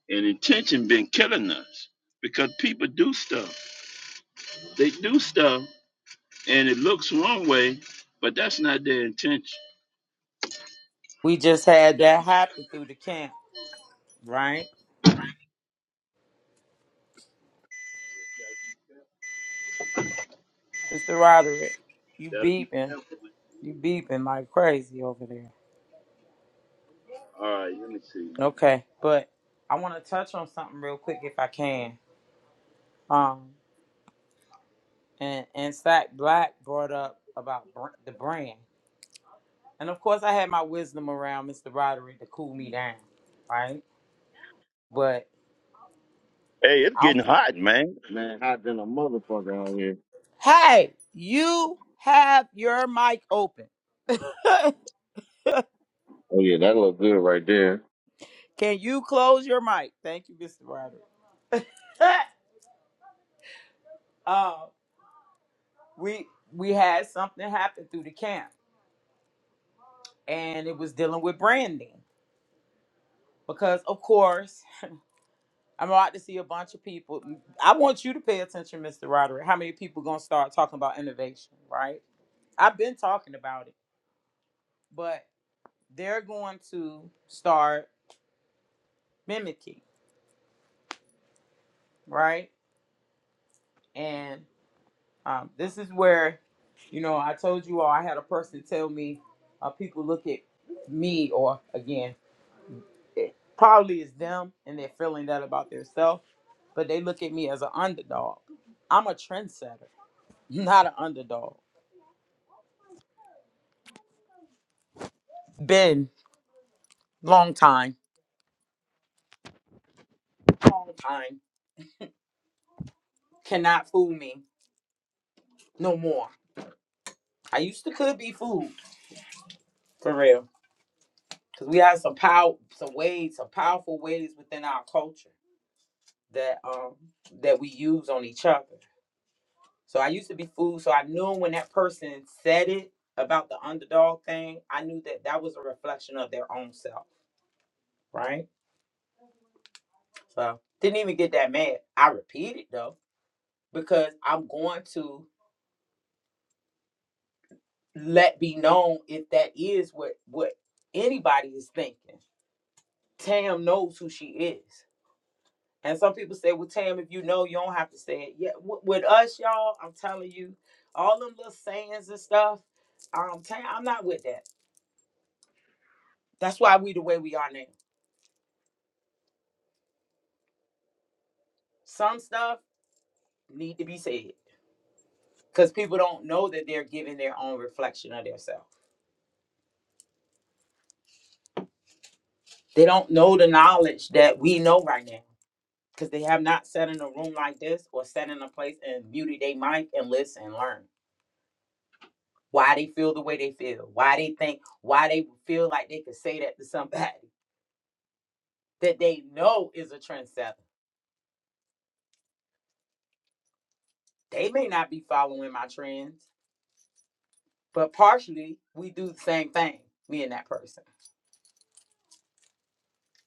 A: And intention been killing us because people do stuff. They do stuff and it looks one way, but that's not their intention.
D: We just had
A: Gotta be
D: that happen through the camp, right?
A: careful.
D: Mr. Roderick, you
A: Gotta be
D: beeping.
A: careful.
D: You beeping like crazy over there.
A: All right, let me see, man.
D: Okay, but I want to touch on something real quick if I can. Um, and, and Sack Black brought up about br- the brand. And of course, I had my wisdom around Mr. Roderick to cool me down, right? But
A: Hey, it's
D: I'm.
A: getting hot, man. Man, hot than a motherfucker out here.
D: Hey, you have your mic open.
A: Oh yeah, that look good right there.
D: Can you close your mic? Thank you, Mr. Roderick. uh, we we had something happen through the camp, and it was dealing with branding because, of course, I'm about to see a bunch of people. I want you to pay attention, Mr. Roderick. How many people gonna start talking about innovation, right? I've been talking about it, but they're going to start mimicking, right? And um, this is where, you know, I told you all I had a person tell me, uh, people look at me, or again, it probably is them, and they're feeling that about themselves, but they look at me as an underdog. I'm a trendsetter, not an underdog. Been long time, long time. Cannot fool me no more. I used to could be fooled for real. because we have some power, some ways, some powerful ways within our culture that um that we use on each other. So I used to be fooled, so I knew when that person said it about the underdog thing, I knew that that was a reflection of their own self, right? So didn't even get that mad. I repeat it though because I'm going to let be known if that is what what anybody is thinking. Tam knows who she is. And some people say, "Well, Tam, if you know, you don't have to say it." Yeah, w- with us, y'all, I'm telling you, all them little sayings and stuff. Um, Tam, I'm not with that. That's why we the way we are now. Some stuff need to be said because people don't know that they're giving their own reflection of themselves. They don't know the knowledge that we know right now because they have not sat in a room like this or sat in a place and muted their mic and listen and learn why they feel the way they feel, why they think, why they feel like they could say that to somebody that they know is a trendsetter. They may not be following my trends, but partially we do the same thing, me and that person.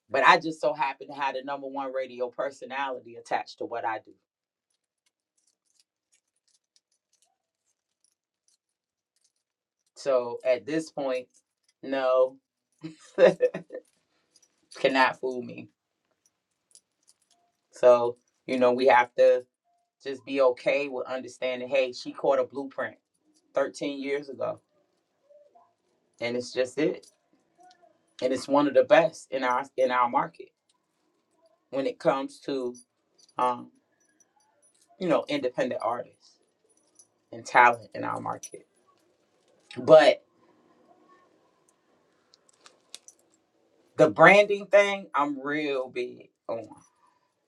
D: But I just so happen to have the number one radio personality attached to what I do. So at this point, no, cannot fool me. So, you know, we have to just be okay with understanding hey, she caught a blueprint 13 years ago, and it's just it. And it's one of the best in our in our market when it comes to um, you know, independent artists and talent in our market. But the branding thing, I'm real big on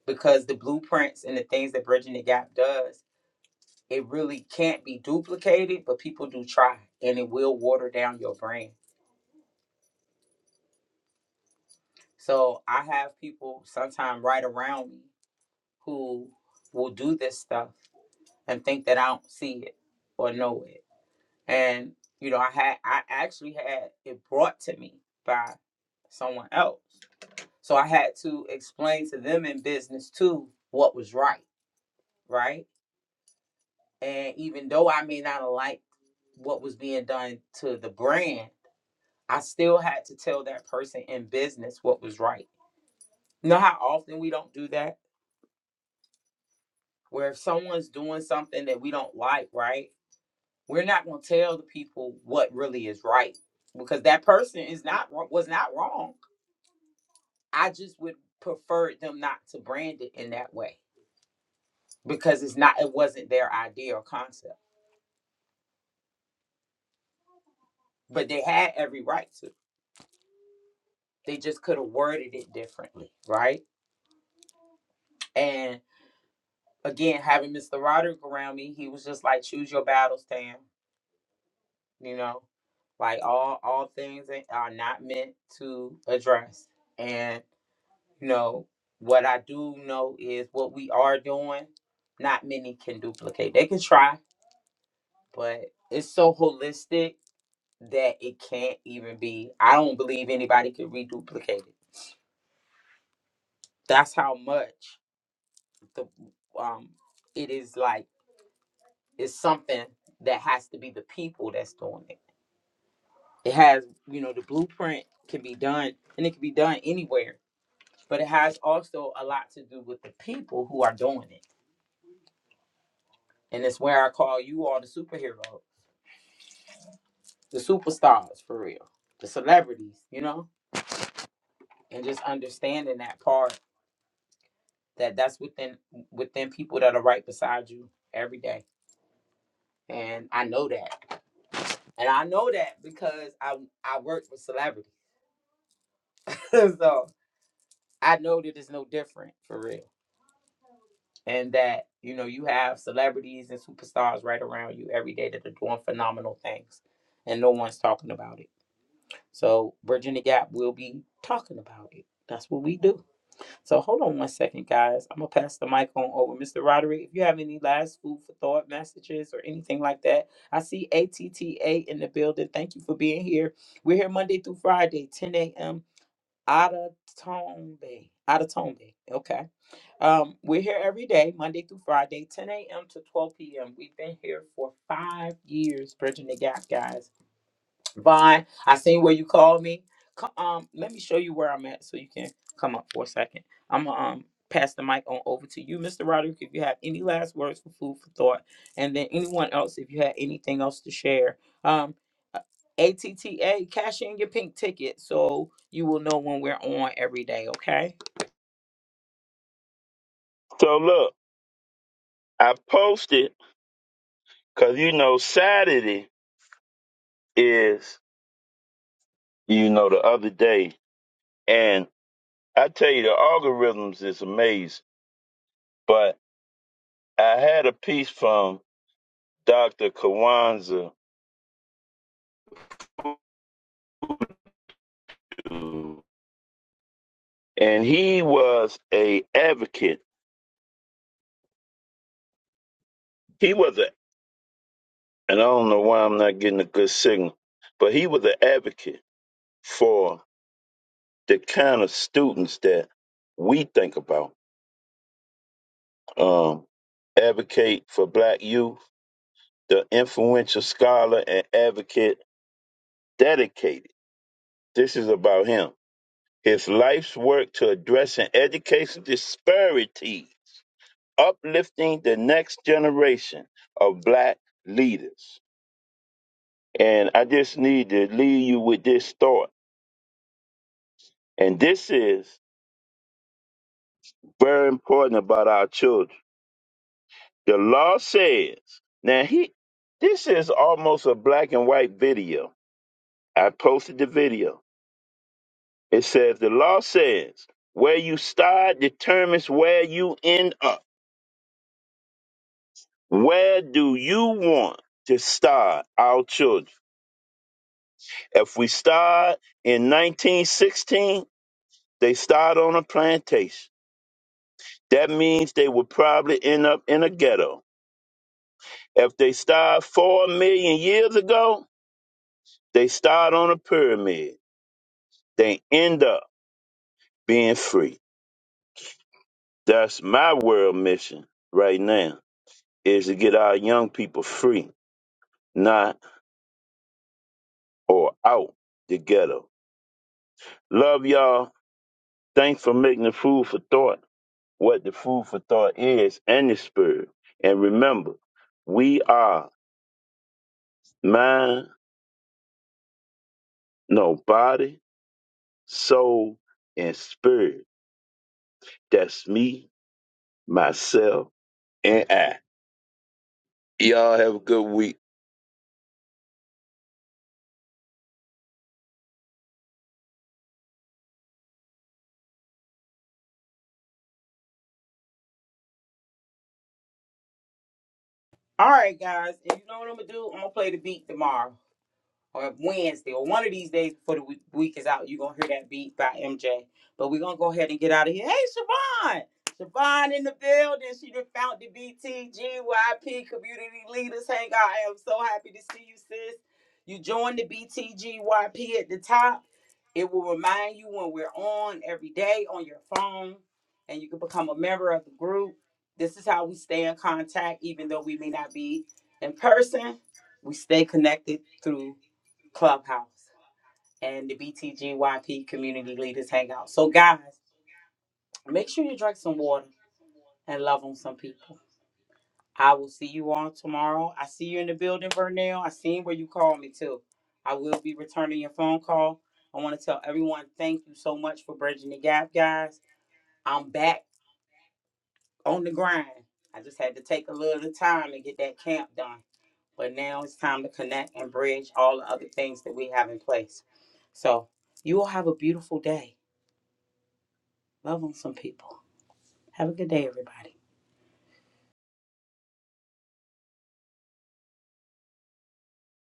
D: because the blueprints and the things that Bridging the Gap does, it really can't be duplicated, but people do try and it will water down your brand. So I have people sometimes right around me who will do this stuff and think that I don't see it or know it. And, you know, I had I actually had it brought to me by someone else So I had to explain to them in business too what was right, right? And even though I may not have liked what was being done to the brand, I still had to tell that person in business what was right. You know how often we don't do that? Where if someone's doing something that we don't like, right? We're not gonna tell the people what really is right because that person is not was not wrong. I just would prefer them not to brand it in that way because it's not it wasn't their idea or concept. but they had every right to. They just could have worded it differently, right? And again, having Mr. Roderick around me, he was just like, "Choose your battles, Tam." You know, like all all things that are not meant to address. And you know what I do know is what we are doing. Not many can duplicate. They can try, but it's so holistic that it can't even be. I don't believe anybody could reduplicate it. That's how much the um it is like it's something that has to be the people that's doing it it has you know the blueprint can be done and it can be done anywhere but it has also a lot to do with the people who are doing it and it's where i call you all the superheroes the superstars for real the celebrities you know and just understanding that part that that's within within people that are right beside you every day and i know that and i know that because i i work with celebrities so I know that it's no different for real. And that, you know, you have celebrities and superstars right around you every day that are doing phenomenal things and no one's talking about it. So Virginia Gap will be talking about it. That's what we do. So hold on one second, guys. I'm gonna pass the mic on over. Mr. Roderick, if you have any last food for thought messages or anything like that, I see ATTA in the building. Thank you for being here. We're here Monday through Friday, 10 a.m. Adatombe. Adatombe. Okay. Um, we're here every day, Monday through Friday, 10 a.m. to 12 p.m. We've been here for five years, bridging the gap, guys. Vaughn, I seen where you called me. Co- Um, let me show you where I'm at so you can come up for a second. I'm gonna um pass the mic on over to you, Mr. Roderick, if you have any last words for food for thought, and then anyone else if you had anything else to share. Um, uh, ATTA, cash in your pink ticket so you will know when we're on every day. Okay.
A: So look, I posted because you know Saturday is you know the other day, and I tell you the algorithms is amazing. But I had a piece from Dr. Kawanza, and he was a advocate. He was a, and I don't know why I'm not getting a good signal, but he was an advocate for the kind of students that we think about. Um, advocate for black youth, the influential scholar and advocate dedicated. This is about him. His life's work to addressing education disparities uplifting the next generation of black leaders. And I just need to leave you with this thought. And this is very important about our children. The law says, now he this is almost a black and white video. I posted the video. It says the law says where you start determines where you end up. Where do you want to start our children? If we start in 1916, They start on a plantation. That means they will probably end up in a ghetto. If they start four million years ago, they start on a pyramid. They end up being free. That's my world mission right now is to get our young people free, not or out the ghetto. Love y'all. Thanks for making the food for thought what the food for thought is and the spirit. And remember, we are mind, no body, soul, and spirit. That's me, myself, and I. Y'all have a good week.
D: All right, guys. And you know what I'm gonna do? I'm gonna play the beat tomorrow. or Wednesday or one of these days before the week, week is out, you're gonna hear that beat by MJ. But we're gonna go ahead and get out of here. Hey Siobhan! Siobhan in the building. She done found the BTGYP community leaders. Hang out. I am so happy to see you, sis. You joined the BTGYP at the top. It will remind you when we're on every day on your phone, and you can become a member of the group. This is how we stay in contact, even though we may not be in person. We stay connected through Clubhouse and the BTGYP Community Leaders Hangout. So, guys, make sure you drink some water and love on some people. I will see you all tomorrow. I see you in the building, Vernell. I seen where you called me too. I will be returning your phone call. I want to tell everyone thank you so much for bridging the gap, guys. I'm back on the grind. I just had to take a little time to get that camp done. But now it's time to connect and bridge all the other things that we have in place. So you all have a beautiful day. Love on some people. Have a good day, everybody.